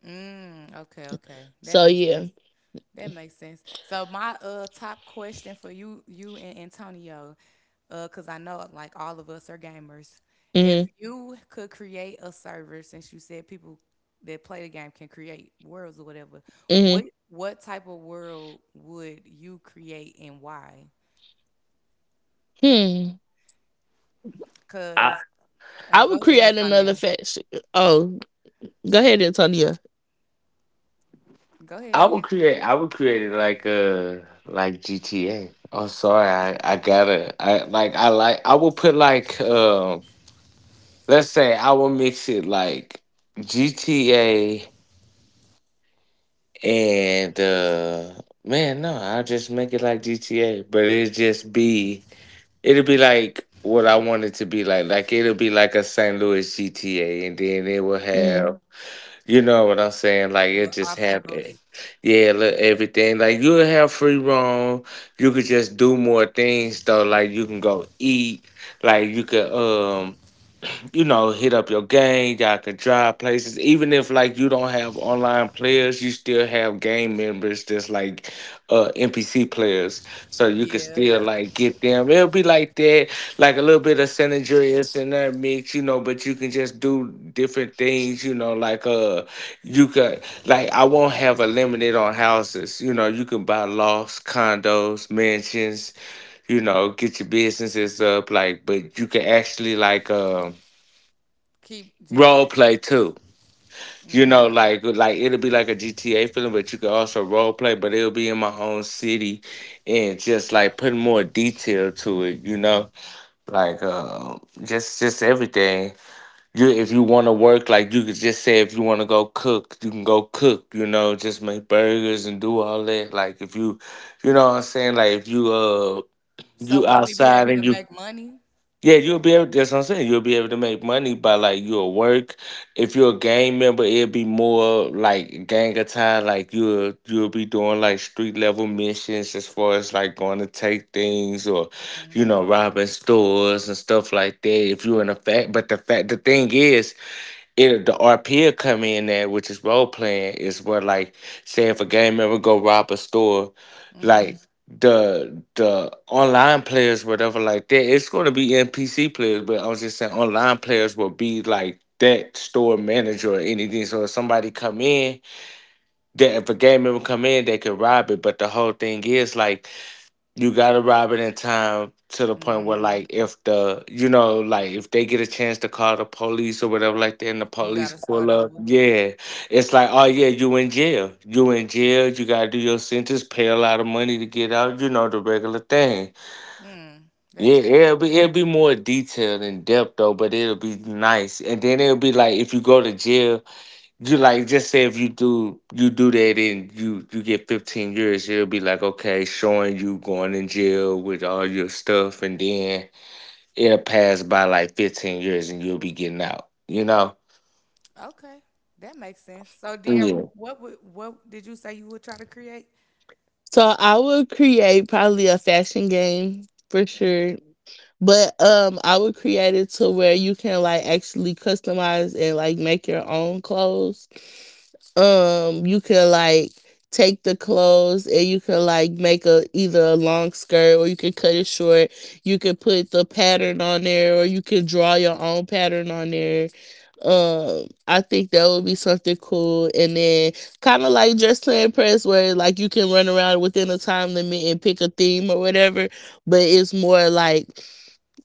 [SPEAKER 1] Mm, okay, okay, that
[SPEAKER 2] So
[SPEAKER 1] makes sense.
[SPEAKER 2] yeah.
[SPEAKER 1] That makes sense. So my top question for you, you and Antonio, cause I know like all of us are gamers. If
[SPEAKER 2] Mhm.
[SPEAKER 1] you could create a server, since you said people that play the game can create worlds or whatever,
[SPEAKER 2] Mhm.
[SPEAKER 1] what type of world would you create and why?
[SPEAKER 2] Hmm.
[SPEAKER 3] I
[SPEAKER 1] Cause oh,
[SPEAKER 2] I
[SPEAKER 1] go
[SPEAKER 2] would
[SPEAKER 1] ahead,
[SPEAKER 2] create another
[SPEAKER 1] Antonio.
[SPEAKER 2] fashion. Oh, go ahead, Antonia.
[SPEAKER 1] Go ahead.
[SPEAKER 3] I would create I would create it like a like GTA. Oh sorry, I I would put like let's say I will mix it like GTA and man, no, I'll just make it like GTA, but it'll just be it'll be like what I want it to be like. Like it'll be like a St. Louis GTA and then it will
[SPEAKER 2] Mhm.
[SPEAKER 3] have, you know what I'm saying? Like
[SPEAKER 1] Little
[SPEAKER 3] it just have
[SPEAKER 1] obstacles.
[SPEAKER 3] yeah, look, everything. Like you'll have free roam. You could just do more things though. Like you can go eat. Like you could you know, hit up your gang, y'all can drive places. Even if like you don't have online players, you still have game members that's like NPC players. So you could
[SPEAKER 1] Yeah.
[SPEAKER 3] still like get them. It'll be like that, like a little bit of San Andreas in that mix, you know, but you can just do different things, you know, like you could like I won't have a limit on houses. You know, you can buy lofts, condos, mansions, you know, get your businesses up, like but you can actually like
[SPEAKER 1] Keep just.
[SPEAKER 3] role play too. You
[SPEAKER 1] Mm.
[SPEAKER 3] know, like it'll be like a GTA film, but you could also role play, but it'll be in my own city and just like putting more detail to it, you know? Like just everything. You if you wanna work, like you could just say if you wanna go cook, you can go cook, you know, just make burgers and do all that. Like if you you know what I'm saying, like if you
[SPEAKER 1] So
[SPEAKER 3] you
[SPEAKER 1] would we be
[SPEAKER 3] outside
[SPEAKER 1] able to
[SPEAKER 3] and you
[SPEAKER 1] make money?
[SPEAKER 3] yeah,
[SPEAKER 1] Like,
[SPEAKER 3] you'll be able. That's what I'm saying. You'll be able to make money by like your work. If you're a gang member, it'll be more like gang attire. Like you'll be doing like street level missions as far as like going to take things or,
[SPEAKER 1] mm-hmm,
[SPEAKER 3] you know, robbing stores and stuff like that. If you're in a fact, but the fact the thing is, it the RP will come in there, which is role playing, is where like say if a gang member go rob a store,
[SPEAKER 1] mm-hmm.
[SPEAKER 3] like the online players, whatever like that, it's gonna be NPC players, but I was just saying online players will be like that store manager or anything. So if somebody come in, that if a gang member come in, they can rob it. But the whole thing is like you gotta rob it in time to the point where
[SPEAKER 1] Mm-hmm.
[SPEAKER 3] like if the you know like if they get a chance to call the police or whatever like that and the
[SPEAKER 1] You got
[SPEAKER 3] police
[SPEAKER 1] to start
[SPEAKER 3] pull up.
[SPEAKER 1] over.
[SPEAKER 3] Yeah, it's like oh yeah, you in jail, you in jail, you gotta do your sentence, pay a lot of money to get out, you know, the regular thing.
[SPEAKER 1] Mm,
[SPEAKER 3] Yeah,
[SPEAKER 1] that's cool.
[SPEAKER 3] it'll be more detailed in depth though but it'll be nice. And then it'll be like if you go to jail, you like just say if you do you do that and you get 15 years, it'll be like okay, showing you going in jail with all your stuff, and then it'll pass by like 15 years and you'll be getting out. You know?
[SPEAKER 1] Okay, that makes sense. So, do you ever
[SPEAKER 3] Yeah.
[SPEAKER 1] what did you say you would try to create?
[SPEAKER 2] So I would create probably a fashion game for sure. But I would create it to where you can like actually customize and like make your own clothes. You can like take the clothes and you can like make a either a long skirt or you can cut it short. You can put the pattern on there or you can draw your own pattern on there, I think that would be something cool, and then kind of like just plan press, where like you can run around within a time limit and pick a theme or whatever. But it's more like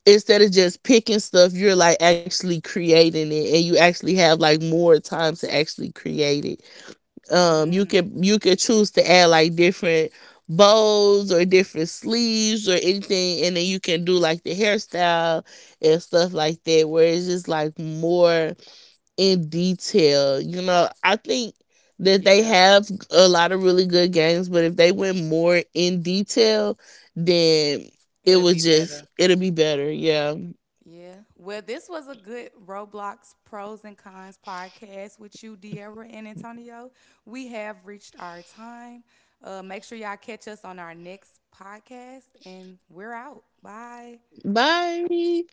[SPEAKER 2] instead of just picking stuff, you're like actually creating it, and you actually have like more time to actually create it.
[SPEAKER 1] Mm,
[SPEAKER 2] You can you could choose to add like different bows or different sleeves or anything, and then you can do like the hairstyle and stuff like that, where it's just like more in detail. You know, I think that they
[SPEAKER 1] yeah,
[SPEAKER 2] have a lot of really good games, but if they went more in detail, then
[SPEAKER 1] it'll
[SPEAKER 2] it
[SPEAKER 1] be
[SPEAKER 2] would
[SPEAKER 1] better.
[SPEAKER 2] just it'll be better. Yeah.
[SPEAKER 1] Yeah. Well, this was a good Roblox pros and cons podcast with you, Deborah and Antonio. We have reached our time. Make sure y'all catch us on our next podcast, and we're out. Bye.
[SPEAKER 2] Bye.